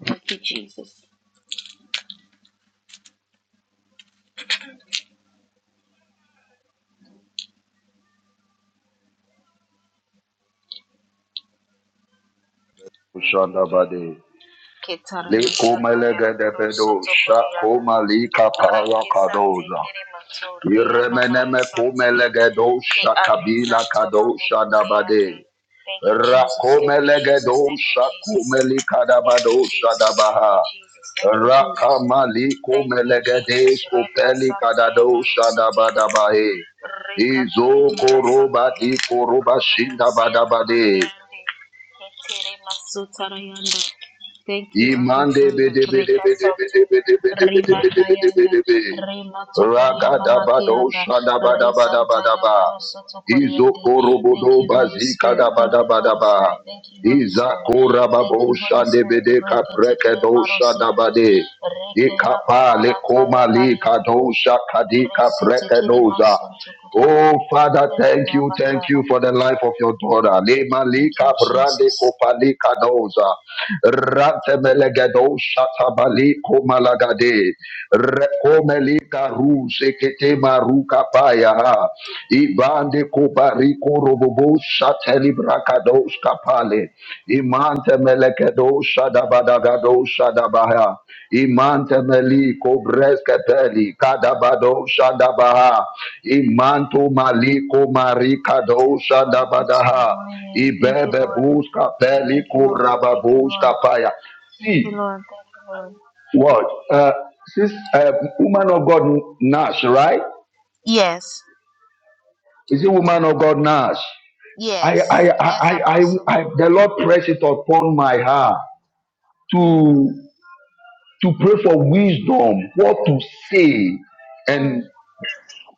Speaker 1: Thank you, Jesus.
Speaker 9: Shandabadi.
Speaker 1: Ketara
Speaker 9: Likuma
Speaker 1: masanda yara maroso
Speaker 9: legedebedo,
Speaker 1: tokoriana.
Speaker 9: shakuma lika
Speaker 1: Reke sante
Speaker 9: parakadoza.
Speaker 1: kere mato rea mamara
Speaker 9: Iremeneme
Speaker 1: ya.
Speaker 9: kumelegedo
Speaker 1: Ke ande
Speaker 9: shakabila
Speaker 1: santo
Speaker 9: kado
Speaker 1: romo kote ande.
Speaker 9: shadabade.
Speaker 1: Thank you, Jesus. Thank you, Jesus.
Speaker 9: Rakomelegedo
Speaker 1: Thank you, Jesus.
Speaker 9: shakumeli
Speaker 1: Thank you,
Speaker 9: kadabado
Speaker 1: Jesus. Thank you,
Speaker 9: shadabaha.
Speaker 1: Jesus. Thank you, Jesus.
Speaker 9: Rakamali
Speaker 1: Thank you, Jesus.
Speaker 9: kumelegedes
Speaker 1: Reka
Speaker 9: kupeli
Speaker 1: Santa
Speaker 9: kadado
Speaker 1: Yamaru Sotilande.
Speaker 9: shadabadabahe.
Speaker 1: Reka
Speaker 9: Izo
Speaker 1: Tayamara Santa
Speaker 9: koroba di koroba shinda
Speaker 1: Yamusiana
Speaker 9: badabade.
Speaker 1: Makayande. Ketere Masutarayanda. Thank you, Abba
Speaker 9: Imande
Speaker 1: Father.
Speaker 9: bede bede
Speaker 1: Reka
Speaker 9: bede
Speaker 1: Santo.
Speaker 9: bede bede bede bede
Speaker 1: Rima
Speaker 9: bede bede
Speaker 1: Kayanda.
Speaker 9: bede bede.
Speaker 1: Rima Tokoria Mama
Speaker 9: Ragadabado
Speaker 1: Kianda. Re marosoto
Speaker 9: shadabadabadabadaba.
Speaker 1: Yamaru Sotokoriande. Thank
Speaker 9: Izokorobodo
Speaker 1: you, Holy
Speaker 9: bazikada
Speaker 1: Spirit. Thank
Speaker 9: bada
Speaker 1: you,
Speaker 9: bada
Speaker 1: Holy
Speaker 9: ba.
Speaker 1: Spirit. Thank you, Holy Spirit.
Speaker 9: Izakora
Speaker 1: Thank
Speaker 9: babo
Speaker 1: you, Holy
Speaker 9: shande
Speaker 1: Spirit.
Speaker 9: bede
Speaker 1: Reke
Speaker 9: kapreke
Speaker 1: tekere
Speaker 9: do shada
Speaker 1: marosiande,
Speaker 9: bade.
Speaker 1: reke ya
Speaker 9: Ikapa
Speaker 1: mama
Speaker 9: le
Speaker 1: rata ya
Speaker 9: koma li
Speaker 1: karianda,
Speaker 9: kadosha kadika
Speaker 1: resi
Speaker 9: preke
Speaker 1: tekere
Speaker 9: doza.
Speaker 1: masonto
Speaker 9: Oh,
Speaker 1: kurianda.
Speaker 9: Father,
Speaker 1: Thank you,
Speaker 9: thank you,
Speaker 1: Abba
Speaker 9: thank you
Speaker 1: Father.
Speaker 9: for the life of your daughter. Lema
Speaker 1: Thank you,
Speaker 9: lika brande
Speaker 1: Jesus.
Speaker 9: kopalika doza. Rantemelegedo shatabali komalagade. Rekomelika ru sekete maruka paya. ha. Ibande kobariko robobo shateli brakados kapale. Imante melegedo shadabadagado shadabaha. Imante meliko breskepeli kadabado shadabaha. Imanto maliko marika dosha
Speaker 1: Glory be to your
Speaker 9: dabadaha.
Speaker 1: holy name. Thank you,
Speaker 9: Ibebe
Speaker 1: Lord.
Speaker 9: buska
Speaker 1: Thank you,
Speaker 9: peliko
Speaker 1: Lord. Thank you,
Speaker 9: rababuska
Speaker 1: Lord.
Speaker 9: paya.
Speaker 1: Thank you,
Speaker 9: See
Speaker 1: Lord. Thank you, Lord.
Speaker 9: what? Uh, this uh, woman of God Nash, right?
Speaker 1: Yes.
Speaker 9: Is it woman of God Nash? I,
Speaker 1: Yes.
Speaker 9: I,
Speaker 1: Yes,
Speaker 9: I, I, I,
Speaker 1: Apostle.
Speaker 9: I the Lord press it upon my heart
Speaker 1: Mm,
Speaker 9: to to pray for wisdom, what to say,
Speaker 1: mm,
Speaker 9: and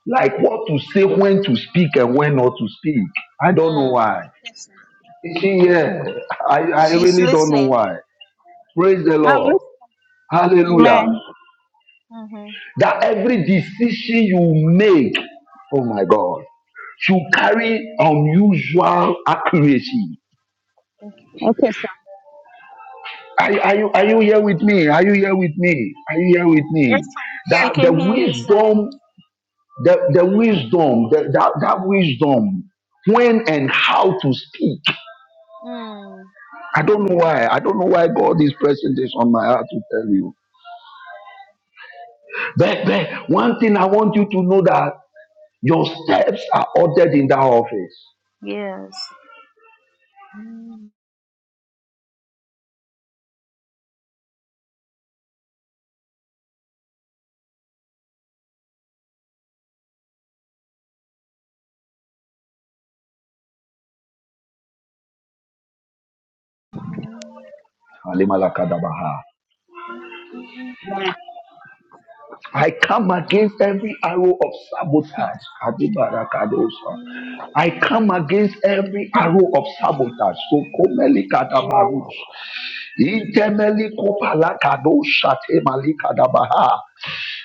Speaker 9: like what to say, when to speak and when not to speak. I don't know
Speaker 1: mm.
Speaker 9: why.
Speaker 10: Yes, sir.
Speaker 9: You see, yeah, I, I
Speaker 1: She's
Speaker 9: really don't know
Speaker 1: listening.
Speaker 9: why. Praise the
Speaker 10: Um,
Speaker 9: Lord.
Speaker 10: listen.
Speaker 9: Hallelujah.
Speaker 10: Amen.
Speaker 1: hmm
Speaker 9: That every decision you make, oh my God, should carry unusual accuracy.
Speaker 10: Okay, sir.
Speaker 9: Are, are, you, are you here with me? Are you here with me? Are you here with me?
Speaker 10: Yes,
Speaker 1: She
Speaker 9: That
Speaker 10: sir.
Speaker 1: can
Speaker 9: the
Speaker 1: hear you, sir.
Speaker 9: wisdom, the, the wisdom, the, that, that wisdom, when and how to speak.
Speaker 1: Mm.
Speaker 9: I don't know why. I don't know why God is pressing this on my heart to tell you But, but one thing I want you to know that your steps are ordered in that office.
Speaker 1: Yes. Hmm. Thank
Speaker 10: Yeah.
Speaker 9: I come against every arrow of sabotage. Adibarakadosa. I come against every arrow of sabotage. So komeli
Speaker 10: Amen.
Speaker 9: kadabarus. Intemeli kopala kadosha temali kadabaha.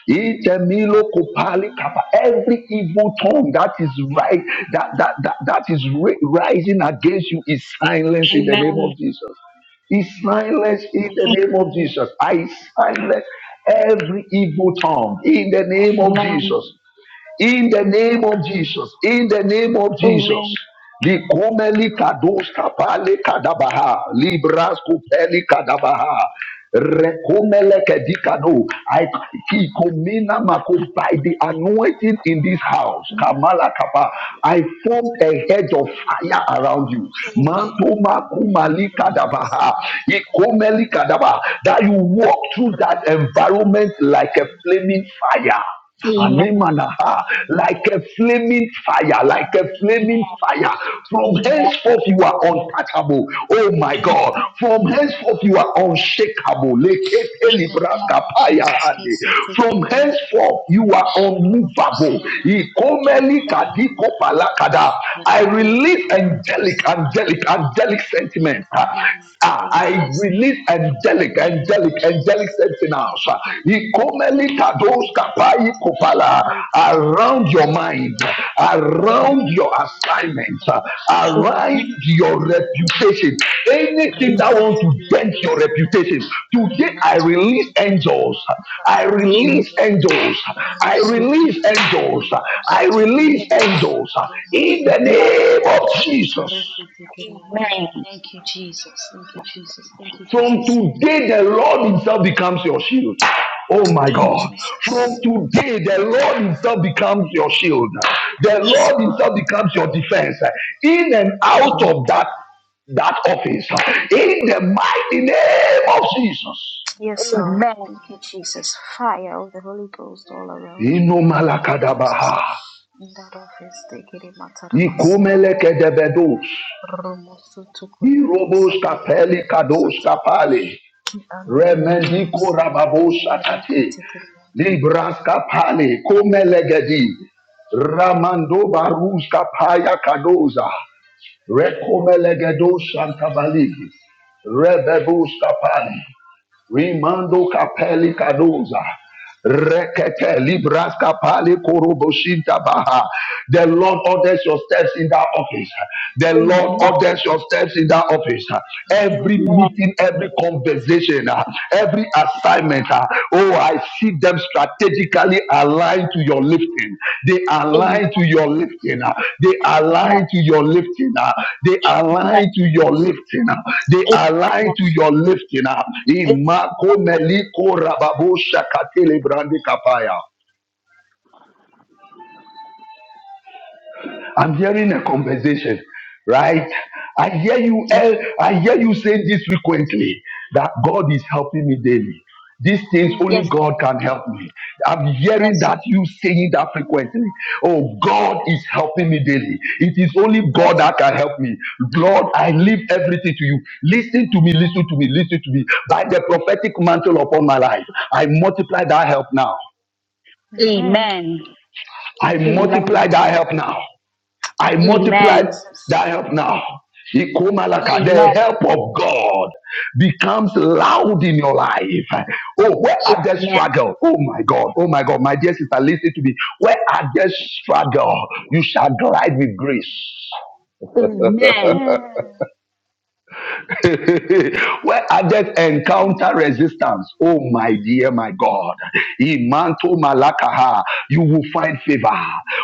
Speaker 9: Intemilo kopali kapa. Every evil tongue that is right, that that that, that is ri- rising against you is silenced in the name
Speaker 10: Amen.
Speaker 9: of Jesus. Is silence in the name of Jesus. I silence every evil tongue in the
Speaker 10: Amen.
Speaker 9: name of
Speaker 10: Amen.
Speaker 9: Jesus. In the name of Jesus. In the name of Jesus.
Speaker 10: Amen.
Speaker 9: Likomeli kados kapale kadabaha. Libras kupeli kadabaha. Rekomele kedikano. I kikomina mako by the anointing in this house. Kamala kapa. I formed a hedge of fire around you.
Speaker 10: Amen. Amen.
Speaker 9: Mantoma kumali kadabaha. Ikomeli kadaba, That you walk through that environment like a flaming fire.
Speaker 10: Amen. Amen.
Speaker 9: Anemanaha, like a flaming fire, like a flaming fire. From
Speaker 10: Amen.
Speaker 9: henceforth, you are
Speaker 1: you.
Speaker 9: untouchable. Oh
Speaker 1: In
Speaker 10: Amen. Amen. Amen. Amen. Amen. Amen. Amen. Amen. Amen. Amen.
Speaker 9: my God. From henceforth, you are unshakable. Lekete
Speaker 1: the name of
Speaker 9: librakapaya
Speaker 1: Jesus,
Speaker 9: ande.
Speaker 1: kese
Speaker 9: From
Speaker 1: tekere yande
Speaker 9: henceforth, you
Speaker 1: sataya,
Speaker 9: are
Speaker 1: romosi
Speaker 9: unmovable.
Speaker 1: ya mama koto
Speaker 9: Ikomeli
Speaker 1: kota ya marataya,
Speaker 9: kadikopalakada. I
Speaker 1: rike ya
Speaker 9: release
Speaker 1: mama
Speaker 9: angelic,
Speaker 1: rosi
Speaker 9: angelic,
Speaker 1: atekere
Speaker 9: angelic
Speaker 1: yande,
Speaker 9: sentiments. Ah,
Speaker 1: rimataya,
Speaker 9: I
Speaker 1: yes Lord.
Speaker 9: release
Speaker 1: In the
Speaker 9: angelic,
Speaker 1: name of
Speaker 9: angelic, angelic,
Speaker 1: Jesus.
Speaker 9: angelic
Speaker 1: Take it,
Speaker 9: sentinels. uh,
Speaker 1: take it, take it, take it, take it,
Speaker 9: Ikomeli
Speaker 1: take it,
Speaker 9: kados
Speaker 1: take it,
Speaker 9: kapai
Speaker 1: take it, Rika,
Speaker 9: kopala,
Speaker 1: take it. Rika tuku
Speaker 9: Around
Speaker 1: tuku
Speaker 9: your
Speaker 1: tuku
Speaker 9: mind,
Speaker 1: riate.
Speaker 9: around
Speaker 1: Riki
Speaker 9: your
Speaker 1: amana
Speaker 9: assignment, uh,
Speaker 1: kataya. Riki
Speaker 9: around
Speaker 1: tuku
Speaker 9: your
Speaker 1: tuku tuku
Speaker 9: reputation.
Speaker 1: yamakaya.
Speaker 9: Anything that
Speaker 1: Risi
Speaker 9: want to
Speaker 1: tuku
Speaker 9: dent
Speaker 1: yande
Speaker 9: your
Speaker 1: sandaya.
Speaker 9: reputation. Today
Speaker 1: Rina
Speaker 9: I
Speaker 1: tuku
Speaker 9: release
Speaker 1: tuku
Speaker 9: angels.
Speaker 1: yamama
Speaker 9: I
Speaker 1: kasata
Speaker 9: release
Speaker 1: arianda.
Speaker 9: angels. I
Speaker 1: Rusu
Speaker 9: release
Speaker 1: tuku
Speaker 9: angels.
Speaker 1: yamama kusu
Speaker 9: I
Speaker 1: tuku
Speaker 9: release
Speaker 1: riande.
Speaker 9: angels. In the name of Jesus.
Speaker 1: Thank you, Jesus. Thank you, Jesus. Thank you,
Speaker 9: From
Speaker 1: Jesus.
Speaker 9: today, the Lord Himself becomes your shield. Oh my
Speaker 1: Thank you,
Speaker 9: God. From
Speaker 1: Jesus.
Speaker 9: today, the Lord Himself becomes your shield. The
Speaker 10: Amen.
Speaker 1: Yes,
Speaker 10: Amen. Amen.
Speaker 9: Lord
Speaker 1: Lord.
Speaker 9: Himself becomes your defense. In and out
Speaker 10: Amen.
Speaker 9: of that,
Speaker 10: Amen.
Speaker 9: that office. In the mighty name of Jesus.
Speaker 1: Yes, Lord.
Speaker 10: Amen.
Speaker 1: Thank you, Jesus. Fire of the Holy Ghost all around you
Speaker 9: Ino
Speaker 1: in the name of Jesus. In that office, they get it, Mataramasi, and they get it.
Speaker 9: Ikumelekedebedos. Irobos
Speaker 1: Sandayara
Speaker 9: kapeli kados
Speaker 1: Makusataya.
Speaker 9: kapali.
Speaker 1: And they
Speaker 9: Remendi
Speaker 1: matter and
Speaker 9: korababos
Speaker 1: the Reiki
Speaker 9: atate.
Speaker 1: Tikiriande.
Speaker 9: Libraska pale komelegedi Ramando baruska paya kadoza rekomelegedo shantabali rebebuska pali Rimando kapeli kadoza rekete libraska pali koroboshinta baha the Lord orders your steps in that office the Lord
Speaker 10: Amen.
Speaker 9: orders your steps in that office every
Speaker 10: Amen.
Speaker 9: meeting every conversation uh, every assignment uh, oh I see them strategically aligned to your lifting. They
Speaker 10: Amen.
Speaker 9: align to your lifting. ah. They align to
Speaker 10: Amen.
Speaker 9: your lifting. ah. They align
Speaker 10: Amen.
Speaker 9: to your lifting. ah. They align
Speaker 10: Amen.
Speaker 9: to your lifting. ah. Imako
Speaker 10: Amen.
Speaker 9: meliko rababo shakatele brande kapaya. I'm hearing a conversation, right? I hear you.
Speaker 10: Yes,
Speaker 9: eh,
Speaker 10: sir.
Speaker 9: I hear you saying this frequently that God is helping me daily. These things
Speaker 1: Amen.
Speaker 10: Yes,
Speaker 9: only
Speaker 10: sir.
Speaker 9: God can help me. I'm hearing
Speaker 10: Yes, sir.
Speaker 9: that you saying that frequently. Oh, God is helping me daily. It is only
Speaker 10: Yes,
Speaker 9: God
Speaker 10: sir.
Speaker 9: that can help me. Lord, I
Speaker 10: Mm.
Speaker 9: leave everything to you. Listen to me, listen to me, listen to me. By the prophetic mantle upon my life, I multiply that help now.
Speaker 1: Amen.
Speaker 10: Amen.
Speaker 9: I
Speaker 1: Amen.
Speaker 9: multiply
Speaker 10: Amen.
Speaker 9: that help now.
Speaker 1: In
Speaker 9: I
Speaker 1: the name of
Speaker 9: multiplied
Speaker 10: Amen.
Speaker 1: Jesus.
Speaker 9: that help now.
Speaker 1: Amen.
Speaker 9: Ikomalaka, The
Speaker 10: Amen.
Speaker 9: help of God becomes loud in your life. Oh, where are the
Speaker 10: Amen.
Speaker 9: struggle? Oh my God. Oh my God. My dear sister, listen to me. Where are the struggle? You shall glide with grace.
Speaker 1: In
Speaker 10: Amen.
Speaker 9: Where I just encounter resistance. Oh my dear, my God. Imanto malakaha. You will find favor.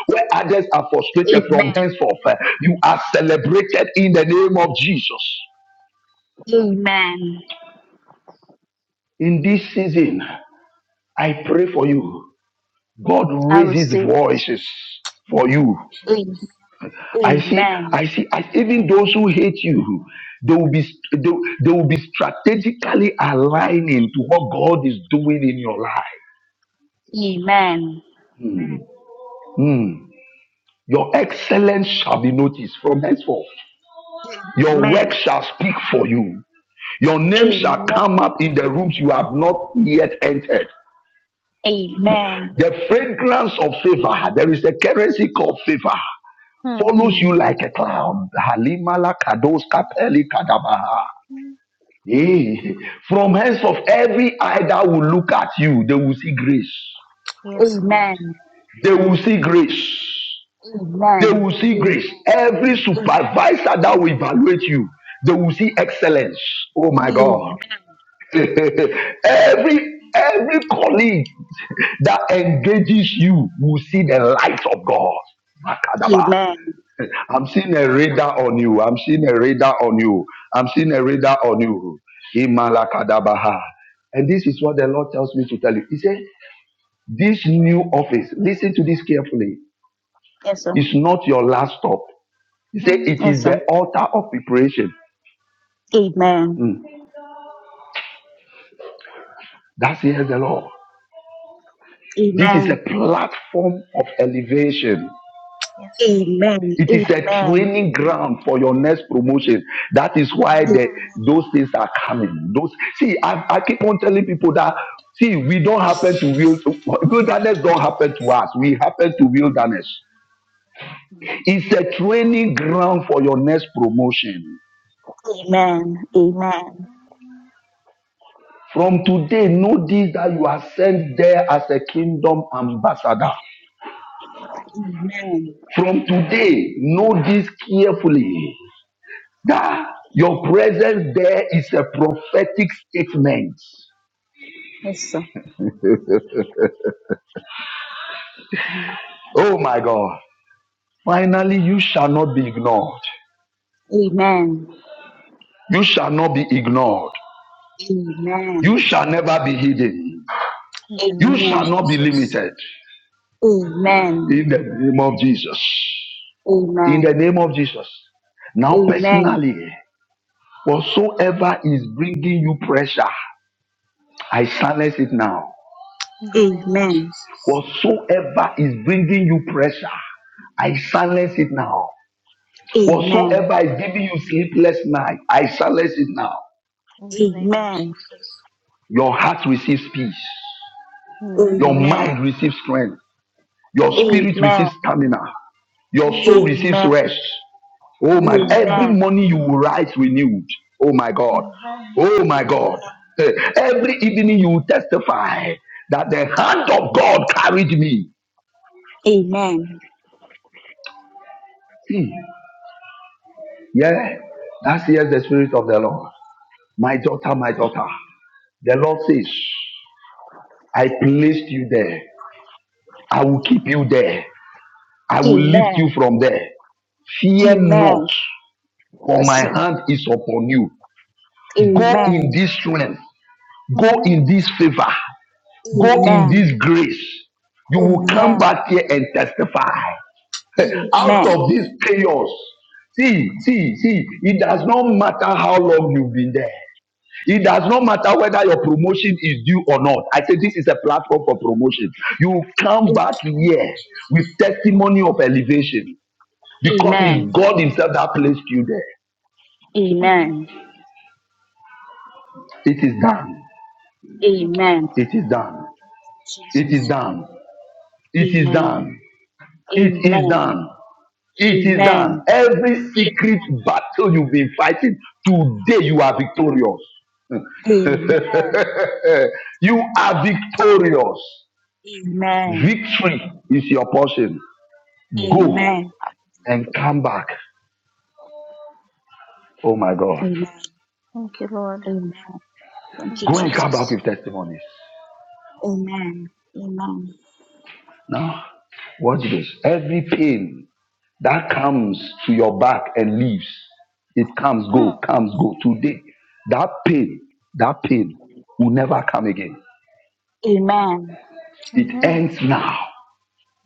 Speaker 9: Where others are frustrated from
Speaker 10: Amen.
Speaker 9: henceforth, eh, you are celebrated in the name of Jesus.
Speaker 10: Amen.
Speaker 9: In this season, I pray for you. God
Speaker 10: I
Speaker 9: raises
Speaker 10: receive it.
Speaker 9: voices
Speaker 1: the
Speaker 9: for
Speaker 1: name
Speaker 9: you.
Speaker 1: of Jesus.
Speaker 10: Amen.
Speaker 9: I see,
Speaker 10: Amen.
Speaker 9: I see, I, even those who hate you, they will be they, they will be strategically aligning to what God is doing in your life.
Speaker 10: Amen.
Speaker 9: Hmm. Your excellence shall be noticed from henceforth. Your work
Speaker 10: Amen.
Speaker 9: shall speak for you. Your name shall
Speaker 10: Amen.
Speaker 9: come up in the rooms you have not yet entered.
Speaker 10: Amen.
Speaker 9: The fragrance of favor, there is a currency called favor,
Speaker 1: Hmm.
Speaker 9: follows
Speaker 10: Mm.
Speaker 9: you like a cloud. Halimala kados kapeli kadabaha. Hey, from henceforth, every eye that will look at you, they will see grace.
Speaker 1: Yes, Lord.
Speaker 10: Amen.
Speaker 9: They will see grace. They
Speaker 10: Amen.
Speaker 9: will see
Speaker 10: Amen.
Speaker 9: grace. Every
Speaker 1: Amen.
Speaker 9: supervisor that will evaluate you, they will see excellence. Oh my
Speaker 1: Mm.
Speaker 10: Amen.
Speaker 9: God.
Speaker 10: Amen.
Speaker 9: every every colleague that engages you will see the light of God. Makadaba.
Speaker 10: Amen.
Speaker 9: I'm seeing a radar on you. I'm seeing a radar on you. I'm seeing a radar on you. Imalakadabaha. And this is what the Lord tells me to tell you. He said, This new office, listen to this carefully,
Speaker 10: Yes, sir.
Speaker 9: is not your last stop. He said
Speaker 1: Mm.
Speaker 9: it
Speaker 10: Yes,
Speaker 9: is the
Speaker 10: sir.
Speaker 9: altar of preparation.
Speaker 10: Amen.
Speaker 9: Mm. That says the Lord. This is a
Speaker 10: Amen.
Speaker 9: platform of elevation.
Speaker 1: Yes, Lord.
Speaker 10: Amen.
Speaker 9: It is a
Speaker 10: Amen.
Speaker 9: training ground for your next promotion. That is why the,
Speaker 1: Amen.
Speaker 10: Amen.
Speaker 9: those things are coming. Those see, I, I keep on telling people that see, we don't happen to wild, wilderness don't happen to us. We happen to wilderness. It's a training ground for your next promotion.
Speaker 10: Amen.
Speaker 9: From today, know this that you are sent there as a kingdom ambassador.
Speaker 10: Amen.
Speaker 9: From today, know this carefully that your presence there is a prophetic statement.
Speaker 10: Yes, sir.
Speaker 9: Oh my God. Finally, you shall not be ignored.
Speaker 10: Amen.
Speaker 9: You shall not be ignored.
Speaker 10: Amen.
Speaker 9: You shall never be hidden.
Speaker 1: In the
Speaker 9: You
Speaker 1: name of
Speaker 10: Amen. Amen.
Speaker 9: shall not be
Speaker 1: Jesus.
Speaker 9: limited.
Speaker 10: Amen.
Speaker 9: In the name of Jesus. In
Speaker 10: Amen. Amen.
Speaker 9: the name of Jesus. Now,
Speaker 10: Amen.
Speaker 9: personally, whatsoever is bringing you pressure, I silence it now.
Speaker 1: In the name of Jesus.
Speaker 9: Whatsoever is bringing you pressure, I silence it now. Whatsoever is giving you sleepless night, I silence it now.
Speaker 1: In the name of Jesus.
Speaker 9: Your heart receives peace. Your
Speaker 1: Amen.
Speaker 9: mind receives strength. Your
Speaker 1: Amen.
Speaker 10: Amen.
Speaker 9: spirit
Speaker 10: Amen.
Speaker 9: receives stamina. Your soul
Speaker 1: Amen.
Speaker 10: Amen.
Speaker 9: receives rest. Oh my,
Speaker 1: Amen.
Speaker 9: every
Speaker 10: Amen.
Speaker 9: morning you will rise renewed. Oh my God.
Speaker 1: Amen.
Speaker 9: Oh my
Speaker 10: Amen.
Speaker 9: God. Eh, Every evening you will testify that the hand of God carried me.
Speaker 10: Amen.
Speaker 9: See, yeah, that's here's the spirit of the Lord. My daughter, my daughter, the Lord says, I placed you there. I will keep you there. I will lift you
Speaker 10: Amen.
Speaker 9: from there. Fear not,
Speaker 10: Amen.
Speaker 9: for
Speaker 10: Yes,
Speaker 9: my
Speaker 10: sir.
Speaker 9: hand is upon you. Mm. Go in
Speaker 10: Amen.
Speaker 9: this strength. Go in
Speaker 1: Amen.
Speaker 9: this favor. Go
Speaker 1: Amen.
Speaker 9: in
Speaker 10: Amen.
Speaker 9: this grace. You will
Speaker 1: Amen.
Speaker 9: come
Speaker 10: Amen.
Speaker 9: back here and testify
Speaker 1: Thank you,
Speaker 9: out
Speaker 10: Amen.
Speaker 9: of this
Speaker 1: Jesus.
Speaker 9: chaos. See, see, see, it does not matter how long you've been there. It does not matter whether your promotion is due or not. I say this is a platform for promotion. You come back
Speaker 1: Thank you,
Speaker 9: here with
Speaker 1: Jesus.
Speaker 9: testimony of elevation because it's
Speaker 10: Amen.
Speaker 9: God
Speaker 1: Amen.
Speaker 9: Himself that placed you there.
Speaker 1: Amen.
Speaker 10: Amen.
Speaker 9: It is done.
Speaker 1: Thank you,
Speaker 10: Amen.
Speaker 1: Lord.
Speaker 9: It is done. It is
Speaker 10: Jesus.
Speaker 9: done. It is
Speaker 10: Amen.
Speaker 9: done. It is
Speaker 10: Amen.
Speaker 9: done. It is done.
Speaker 10: Amen.
Speaker 9: Every
Speaker 10: Amen.
Speaker 9: secret battle you've been fighting, today you are victorious.
Speaker 10: Amen.
Speaker 9: you are victorious.
Speaker 10: Amen.
Speaker 9: Victory is your portion.
Speaker 1: Amen.
Speaker 9: Go
Speaker 10: Amen.
Speaker 9: and come back. Oh my God.
Speaker 10: Amen.
Speaker 1: Thank you, Lord.
Speaker 10: Amen.
Speaker 1: Thank
Speaker 10: Thank you,
Speaker 9: Go
Speaker 1: you,
Speaker 9: and come
Speaker 1: Jesus.
Speaker 9: back
Speaker 10: Jesus.
Speaker 9: with testimonies.
Speaker 10: Amen. Amen.
Speaker 9: Now, watch this. Every pain that comes to your back and leaves, it comes, go,
Speaker 1: Mm.
Speaker 9: comes, go. Today, that pain, that pain will never come again.
Speaker 10: Amen.
Speaker 9: It
Speaker 1: Amen.
Speaker 9: ends now.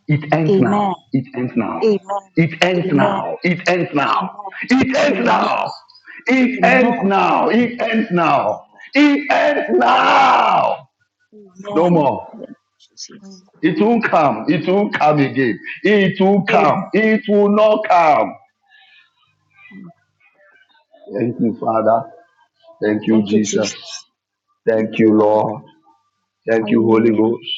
Speaker 9: It ends
Speaker 10: Amen.
Speaker 9: now. It ends now.
Speaker 10: Amen.
Speaker 9: It ends
Speaker 10: Amen.
Speaker 9: now. It ends now.
Speaker 10: Amen.
Speaker 9: It
Speaker 1: Thank
Speaker 9: ends
Speaker 1: you,
Speaker 10: Amen.
Speaker 9: now.
Speaker 1: Jesus.
Speaker 9: It ends
Speaker 10: Amen.
Speaker 9: now. It ends now.
Speaker 10: Amen.
Speaker 9: It ends now. No more.
Speaker 10: Amen.
Speaker 1: Mm.
Speaker 10: Jesus.
Speaker 9: It will come. It will come again. It will
Speaker 10: Amen.
Speaker 9: come. It will not come. Thank you, Father. Thank you,
Speaker 10: Thank you,
Speaker 9: Jesus.
Speaker 10: Jesus.
Speaker 9: Thank
Speaker 10: Thank
Speaker 9: you,
Speaker 10: you, Lord.
Speaker 9: Lord. Thank you, Holy
Speaker 10: Hallelujah.
Speaker 9: Ghost.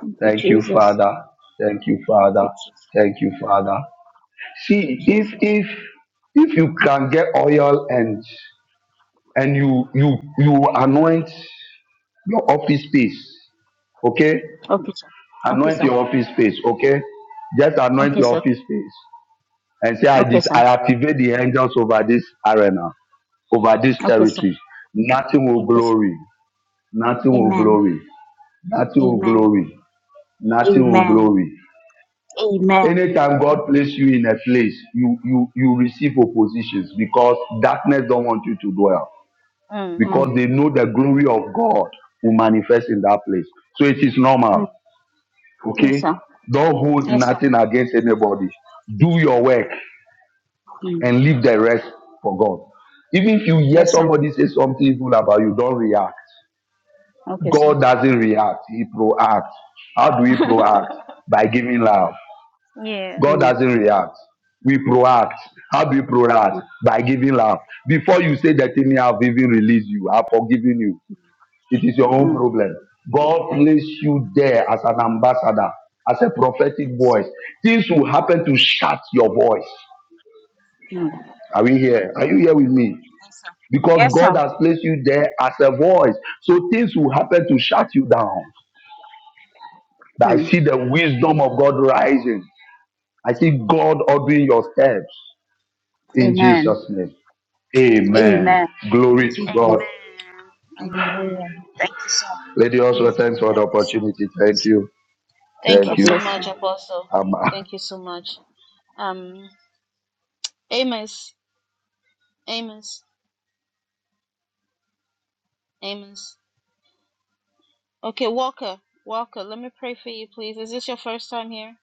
Speaker 10: Thank you,
Speaker 9: Thank you,
Speaker 10: Jesus.
Speaker 9: Father. Thank you,
Speaker 10: Thank you,
Speaker 9: Father.
Speaker 10: Jesus.
Speaker 9: Thank you, Father.
Speaker 10: Thank you,
Speaker 9: See, if
Speaker 10: Jesus.
Speaker 9: if if you can get oil and and you you you anoint your office space, okay?
Speaker 10: Okay, sir. Okay,
Speaker 9: Anoint
Speaker 10: sir.
Speaker 9: your office space, okay? Just anoint
Speaker 10: Okay,
Speaker 9: your
Speaker 10: sir.
Speaker 9: office space. and say, I,
Speaker 10: Okay,
Speaker 9: dis-
Speaker 10: sir.
Speaker 9: I activate the angels over this arena, over this
Speaker 10: Okay, sir.
Speaker 9: territory. Nothing will
Speaker 10: Okay, sir.
Speaker 9: glory. Nothing will
Speaker 10: Amen.
Speaker 9: glory. Nothing will
Speaker 10: Amen.
Speaker 9: glory. Nothing will
Speaker 10: Amen.
Speaker 9: glory.
Speaker 10: Amen.
Speaker 9: Anytime God place you in a place, you you you receive oppositions because darkness don't want you to dwell
Speaker 1: Mm.
Speaker 9: because
Speaker 10: Mm.
Speaker 9: they know the glory of God will manifest in that place. So it is normal.
Speaker 10: Mm. Yes,
Speaker 9: Okay,
Speaker 10: sir.
Speaker 9: don't hold
Speaker 10: Yes, sir.
Speaker 9: nothing against anybody. Do your work.
Speaker 10: Mm.
Speaker 9: and leave the rest for God. Even if you hear
Speaker 10: Yes, sir.
Speaker 9: somebody say something evil about you, don't react.
Speaker 10: Okay, sir.
Speaker 9: God doesn't react, He proacts. How do we proact? By giving love.
Speaker 1: Yeah.
Speaker 9: God
Speaker 10: Mm.
Speaker 9: doesn't react. We proact. How do we proact?
Speaker 10: Mm.
Speaker 9: By giving love. Before you say that thing, I've even released you, I've forgiven you. It is your
Speaker 1: Mm.
Speaker 9: own
Speaker 10: Mm.
Speaker 9: problem. God placed you there as an ambassador, as a prophetic voice. Things will happen to shut your voice.
Speaker 10: Mm.
Speaker 9: Are we here? Are you here with me?
Speaker 10: Yes, sir.
Speaker 9: because
Speaker 10: Yes,
Speaker 9: God
Speaker 10: sir.
Speaker 9: has placed you there as a voice. So things will happen to shut you down. But I
Speaker 10: Hmm.
Speaker 9: see the wisdom of God rising. I see God ordering your steps in
Speaker 10: Amen.
Speaker 9: Jesus' name.
Speaker 1: Amen.
Speaker 9: Amen.
Speaker 10: Amen.
Speaker 9: Glory to God.
Speaker 10: Amen.
Speaker 1: Amen. Amen.
Speaker 10: Hallelujah. Thank you, sir.
Speaker 9: Lady also, thanks
Speaker 1: Amen.
Speaker 9: for the
Speaker 10: Thank you, sir.
Speaker 9: opportunity.
Speaker 10: God
Speaker 9: Thank
Speaker 10: bless you.
Speaker 9: you.
Speaker 1: Thank you
Speaker 9: Thank
Speaker 10: God
Speaker 9: you.
Speaker 1: so
Speaker 10: bless you.
Speaker 1: much, Apostle.
Speaker 9: I'm
Speaker 1: Thank you so much. Um, Amos. Amos. Amos. Okay, Walker. Walker, let me pray for you, please. Is this your first time here?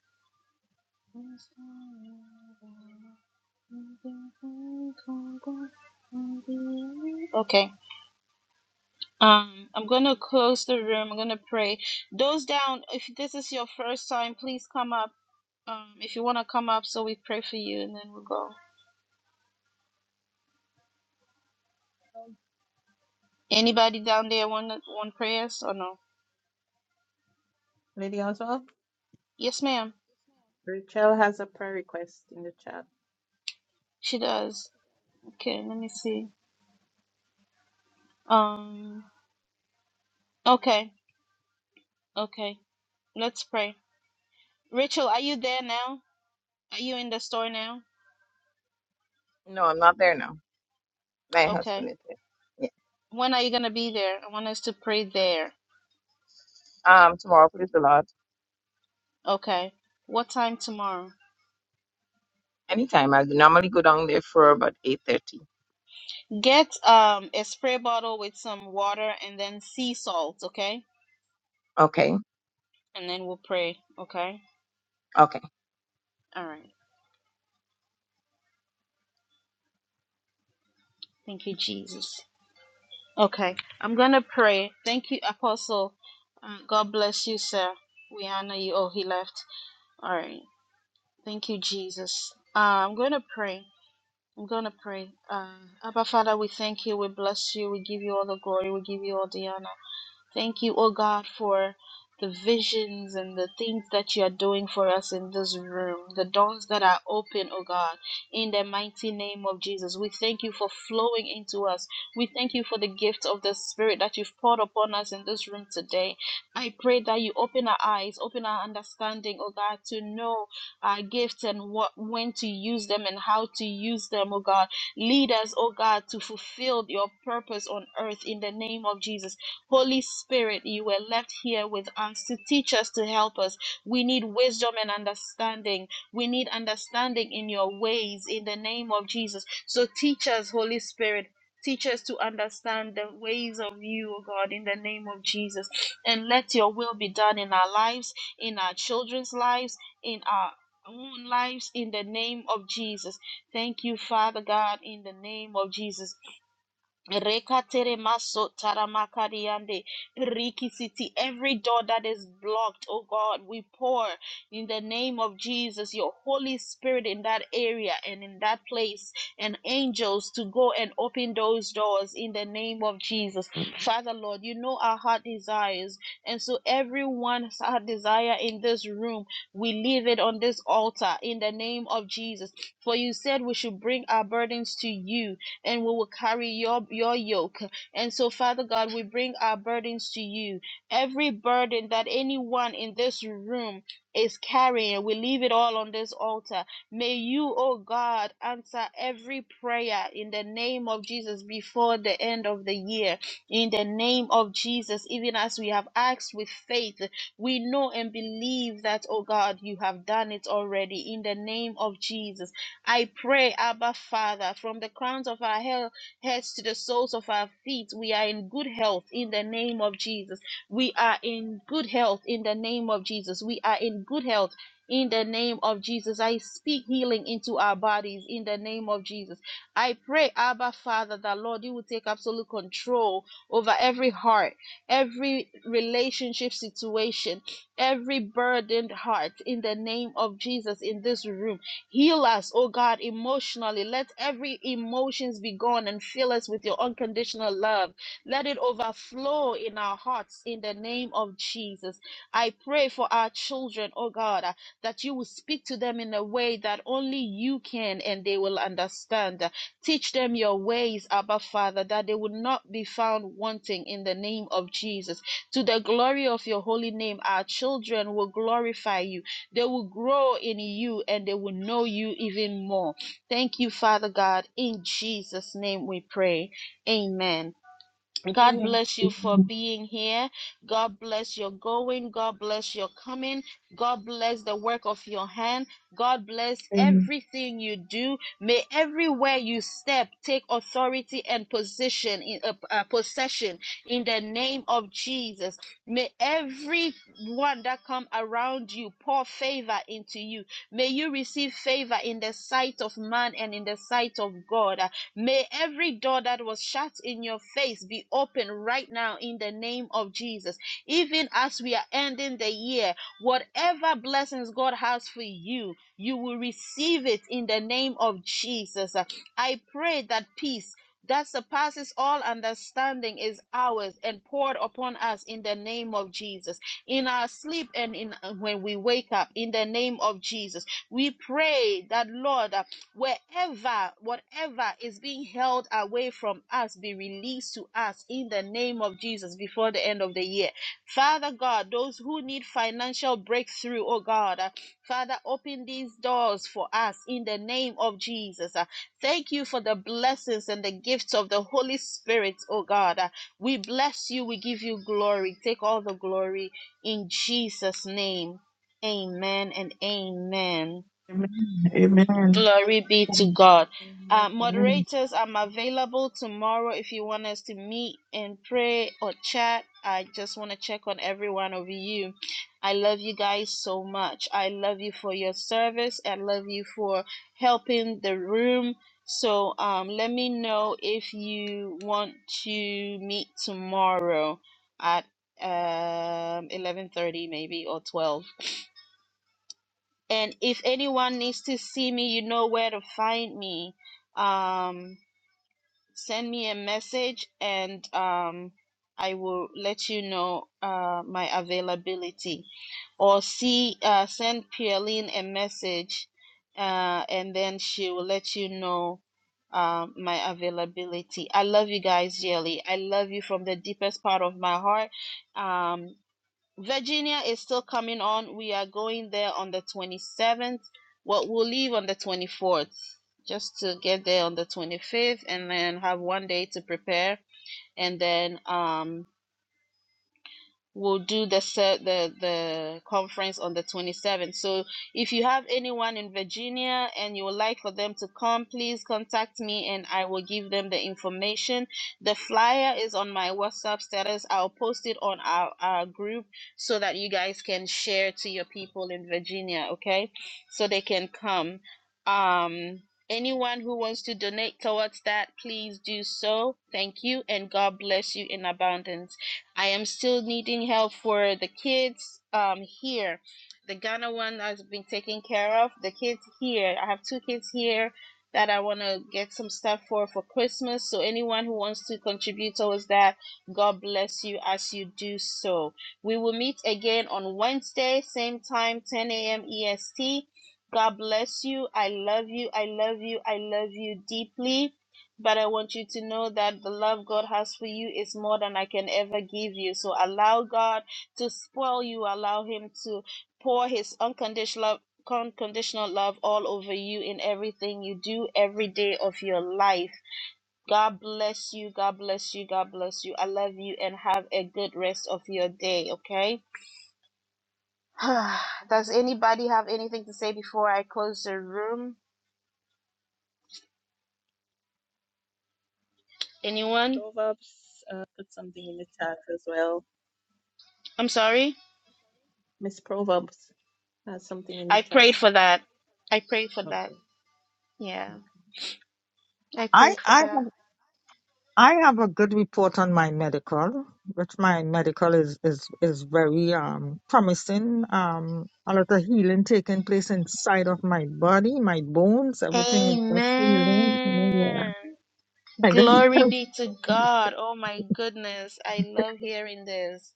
Speaker 1: Okay. Um, I'm going to close the room. I'm going to pray. Those down, if this is your first time, please come up. Um, if you want to come up, so we pray for you, and then we'll go. Anybody down there want want prayers or no?
Speaker 4: Lady Oswald?
Speaker 1: Yes, ma'am.
Speaker 4: Rachel has a prayer request in the chat.
Speaker 1: She does. Okay, let me see. Um, okay, okay. Let's pray. Rachel, are you there now? Are you in the store now?
Speaker 6: No, I'm not there now. My
Speaker 1: Okay.
Speaker 6: husband is there. Yes.
Speaker 1: When are you gonna be there? I want us to pray there.
Speaker 6: Um, tomorrow, please the Lord.
Speaker 1: Okay. What time tomorrow?
Speaker 6: Anytime. I normally go down there for about eight thirty.
Speaker 1: Get um a spray bottle with some water and then sea salt, okay?
Speaker 6: Okay.
Speaker 1: And then we'll pray, okay? All right. Thank you, Jesus. Okay, I'm gonna pray. Thank you, Apostle. Um, God bless you, sir. We honor you. Oh, he left. All right. Thank you, Jesus. Uh, I'm gonna pray. I'm gonna pray. Uh, Abba Father, we thank you. We bless you. We give you all the glory. We give you all the honor. Thank you, oh God, for the visions and the things that you are doing for us in this room, the doors that are open, oh God, in the mighty name of Jesus. We thank you for flowing into us. We thank you for the gift of the Spirit that you've poured upon us in this room today. I pray that you open our eyes, open our understanding, oh God, to know our gifts and what when to use them and how to use them, oh God. Lead us, oh God, to fulfill your purpose on earth in the name of Jesus. Holy Spirit, you were left here with us to teach us, to help us. We need wisdom and understanding. We need understanding in your ways in the name of Jesus. So teach us, Holy Spirit. Teach us to understand the ways of you, O God, in the name of Jesus. And let your will be done in our lives, in our children's lives, in our own lives, in the name of Jesus. Thank you, Father God, in the name of Jesus. Rekatere maso taramakariande riki city. Every door that is blocked, oh God, we pour in the name of Jesus, your Holy Spirit in that area and in that place, and angels to go and open those doors in the name of Jesus. Father Lord, you know our heart desires, and so everyone's heart desire in this room, we leave it on this altar in the name of Jesus. For you said we should bring our burdens to you and we will carry your, your yoke. And so, Father God, we bring our burdens to you. Every burden that anyone in this room is carrying, we leave it all on this altar. May you, oh God, answer every prayer in the name of Jesus before the end of the year. In the name of Jesus, even as we have asked with faith, we know and believe that, oh God, you have done it already. In the name of Jesus. I pray, Abba Father, from the crowns of our he- heads to the soles of our feet, we are in good health in the name of Jesus. We are in good health in the name of Jesus. We are in good health. In the name of Jesus, I speak healing into our bodies. In the name of Jesus, I pray, Abba Father, that Lord, you will take absolute control over every heart, every relationship situation, every burdened heart. In the name of Jesus, in this room Heal us, oh God, emotionally. Let every emotions be gone and fill us with your unconditional love. Let it overflow in our hearts in the name of Jesus. I pray for our children, oh God, uh, that you will speak to them in a way that only you can and they will understand. Uh, Teach them your ways, Abba Father, that they will not be found wanting in the name of Jesus. To the glory of your holy name, our children will glorify you they will grow in you and they will know you even more. Thank you, Father God. In Jesus' name we pray. Amen. God
Speaker 11: Amen.
Speaker 1: bless you for being here. God bless your going. God bless your coming. God bless the work of your hand. God bless
Speaker 11: Amen.
Speaker 1: everything you do. May everywhere you step take authority and position in uh, uh, possession in the name of Jesus. May everyone that come around you pour favor into you. May you receive favor in the sight of man and in the sight of God. May every door that was shut in your face be open right now in the name of Jesus. Even as we are ending the year, whatever blessings God has for you, you will receive it in the name of Jesus. I pray that peace that surpasses all understanding is ours and poured upon us in the name of Jesus. In our sleep and in when we wake up, in the name of Jesus, we pray that Lord uh, wherever whatever is being held away from us be released to us in the name of Jesus before the end of the year. Father God, those who need financial breakthrough, oh God, uh, Father, open these doors for us in the name of Jesus. Uh, Thank you for the blessings and the gifts of the Holy Spirit, oh God. Uh, We bless you, we give you glory. Take all the glory in Jesus' name. Amen and amen.
Speaker 11: Amen.
Speaker 1: Glory be to
Speaker 11: Amen.
Speaker 1: God.
Speaker 4: Amen.
Speaker 1: Uh,
Speaker 11: Amen.
Speaker 1: moderators, I'm available tomorrow if you want us to meet and pray or chat. I just want to check on every one of you. I love you guys so much. I love you for your service. I love you for helping the room. So um, let me know if you want to meet tomorrow at um, 11:30 maybe or 12. And if anyone needs to see me, you know where to find me. Um, send me a message and um, I will let you know uh, my availability. Or see, uh, send Pierline a message uh, and then she will let you know um, my availability. I love you guys dearly. I love you from the deepest part of my heart. Um, Virginia is still coming on. We are going there on the 27th. Well, we'll leave on the 24th just to get there on the 25th and then have one day to prepare. And then um, will do the the the conference on the 27th. So if you have anyone in Virginia and you would like for them to come, please contact me and I will give them the information. The flyer is on my WhatsApp status. I'll post it on our, our group so that you guys can share to your people in Virginia, okay? So they can come. Um anyone who wants to donate towards that, please do so. Thank you and God bless you in abundance. I am still needing help for the kids um here. The Ghana one has been taken care of. The kids here, I have two kids here that I want to get some stuff for for Christmas. So anyone who wants to contribute towards that, God bless you as you do so. We will meet again on Wednesday, same time, 10 a.m. EST. God bless you. I love you. I love you. I love you deeply. But I want you to know that the love God has for you is more than I can ever give you. So allow God to spoil you. Allow Him to pour His unconditional love. Unconditional love all over you in everything you do every day of your life. God bless you. God bless you. God bless you. I love you and have a good rest of your day. Okay. Does anybody have anything to say before I close the room? Anyone?
Speaker 4: Proverbs uh, put something in the chat as well.
Speaker 1: I'm sorry.
Speaker 4: Miss Proverbs has something in the
Speaker 1: I
Speaker 4: chat.
Speaker 1: prayed for that. I prayed for that.
Speaker 4: Okay.
Speaker 1: Yeah,
Speaker 4: okay.
Speaker 1: I
Speaker 5: I,
Speaker 1: prayed for
Speaker 5: I,
Speaker 1: that.
Speaker 5: I have a good report on my medical, which my medical is, is, is very um, promising. Um, a lot of healing taking place inside of my body, my bones, everything is just healing. You know, yeah.
Speaker 1: Amen.
Speaker 5: I got-
Speaker 1: Glory be to God. Oh my goodness. I love hearing this.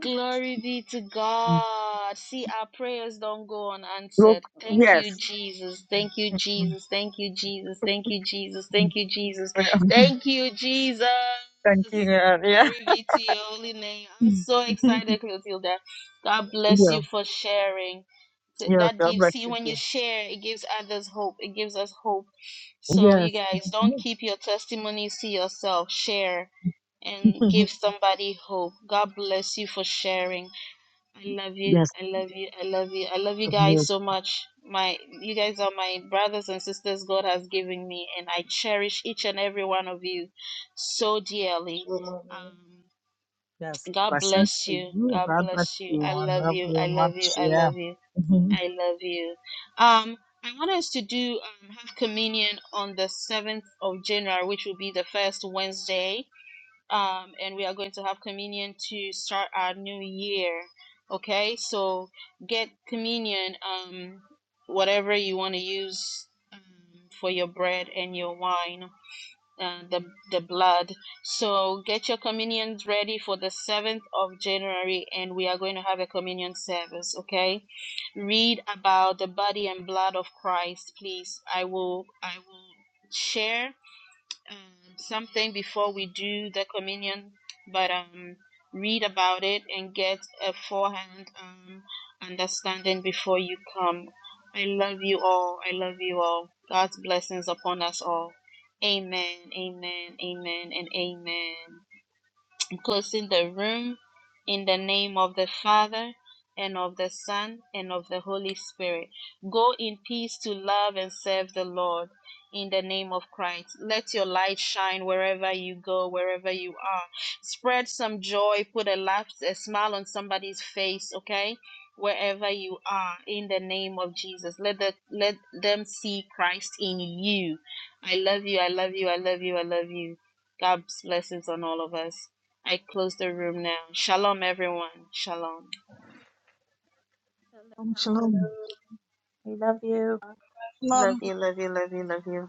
Speaker 1: Glory be to God. See, our prayers don't go
Speaker 5: Broke,
Speaker 1: unanswered. Thank
Speaker 5: yes,
Speaker 1: you, Jesus. Thank you,
Speaker 5: Mm, mm,
Speaker 1: Jesus. Thank you, Jesus. Thank you, Jesus.
Speaker 5: mm.
Speaker 1: Thank you, Jesus.
Speaker 5: Yeah.
Speaker 1: Thank you, Jesus.
Speaker 5: Thank you. Yeah. Yeah.
Speaker 1: Glory be to your holy name. I'm
Speaker 5: Mm.
Speaker 1: so excited, Clotilda. God bless
Speaker 5: yeah.
Speaker 1: you for sharing. So
Speaker 5: Yes.
Speaker 1: That
Speaker 5: God
Speaker 1: gives,
Speaker 5: bless
Speaker 1: see,
Speaker 5: you.
Speaker 1: when you
Speaker 5: too.
Speaker 1: share, it gives others hope. It gives us hope. So,
Speaker 5: Yes.
Speaker 1: you guys, don't keep your testimonies to yourself. Share and give somebody hope. God bless you for sharing. I love you.
Speaker 5: yes.
Speaker 1: I love you. I love you. I love you
Speaker 5: God
Speaker 1: guys
Speaker 5: bless.
Speaker 1: so much. My you guys are my brothers and sisters God has given me and I cherish each and every one of you so dearly. Um
Speaker 5: Yes.
Speaker 1: God
Speaker 5: Blessings
Speaker 1: bless
Speaker 5: to
Speaker 1: you.
Speaker 5: you.
Speaker 1: God
Speaker 5: God bless
Speaker 1: bless you.
Speaker 5: you.
Speaker 1: I
Speaker 5: and
Speaker 1: love
Speaker 5: love
Speaker 1: you.
Speaker 5: you
Speaker 1: I love you.
Speaker 5: much.
Speaker 1: I
Speaker 5: Yeah.
Speaker 1: love you. I love you. Um I want us to do um, have communion on the 7th of January, which will be the first Wednesday um, and we are going to have communion to start our new year. Okay, so get communion, um, whatever you want to use um, for your bread and your wine, uh, the the blood. So get your communions ready for the seventh of January, and we are going to have a communion service. Okay, read about the body and blood of Christ, please. I will I will share um, something before we do the communion, but um, read about it and get a forehand um, understanding before you come. I love you all. I love you all. God's blessings upon us all. Amen, amen, amen, and amen closing the room in the name of the Father and of the Son and of the Holy Spirit. Go in peace to love and serve the Lord in the name of Christ. Let your light shine wherever you go, wherever you are. Spread some joy, put a laugh, a smile on somebody's face, okay? Wherever you are, in the name of Jesus, let the, let them see Christ in you. I love you. I love you. I love you. I love you. God's blessings on all of us. I close the room now. Shalom, everyone. Shalom.
Speaker 5: Shalom.
Speaker 4: Shalom,
Speaker 5: Shalom.
Speaker 4: shalom. We love you.
Speaker 1: Love
Speaker 12: love
Speaker 1: you, love you, love you, love you.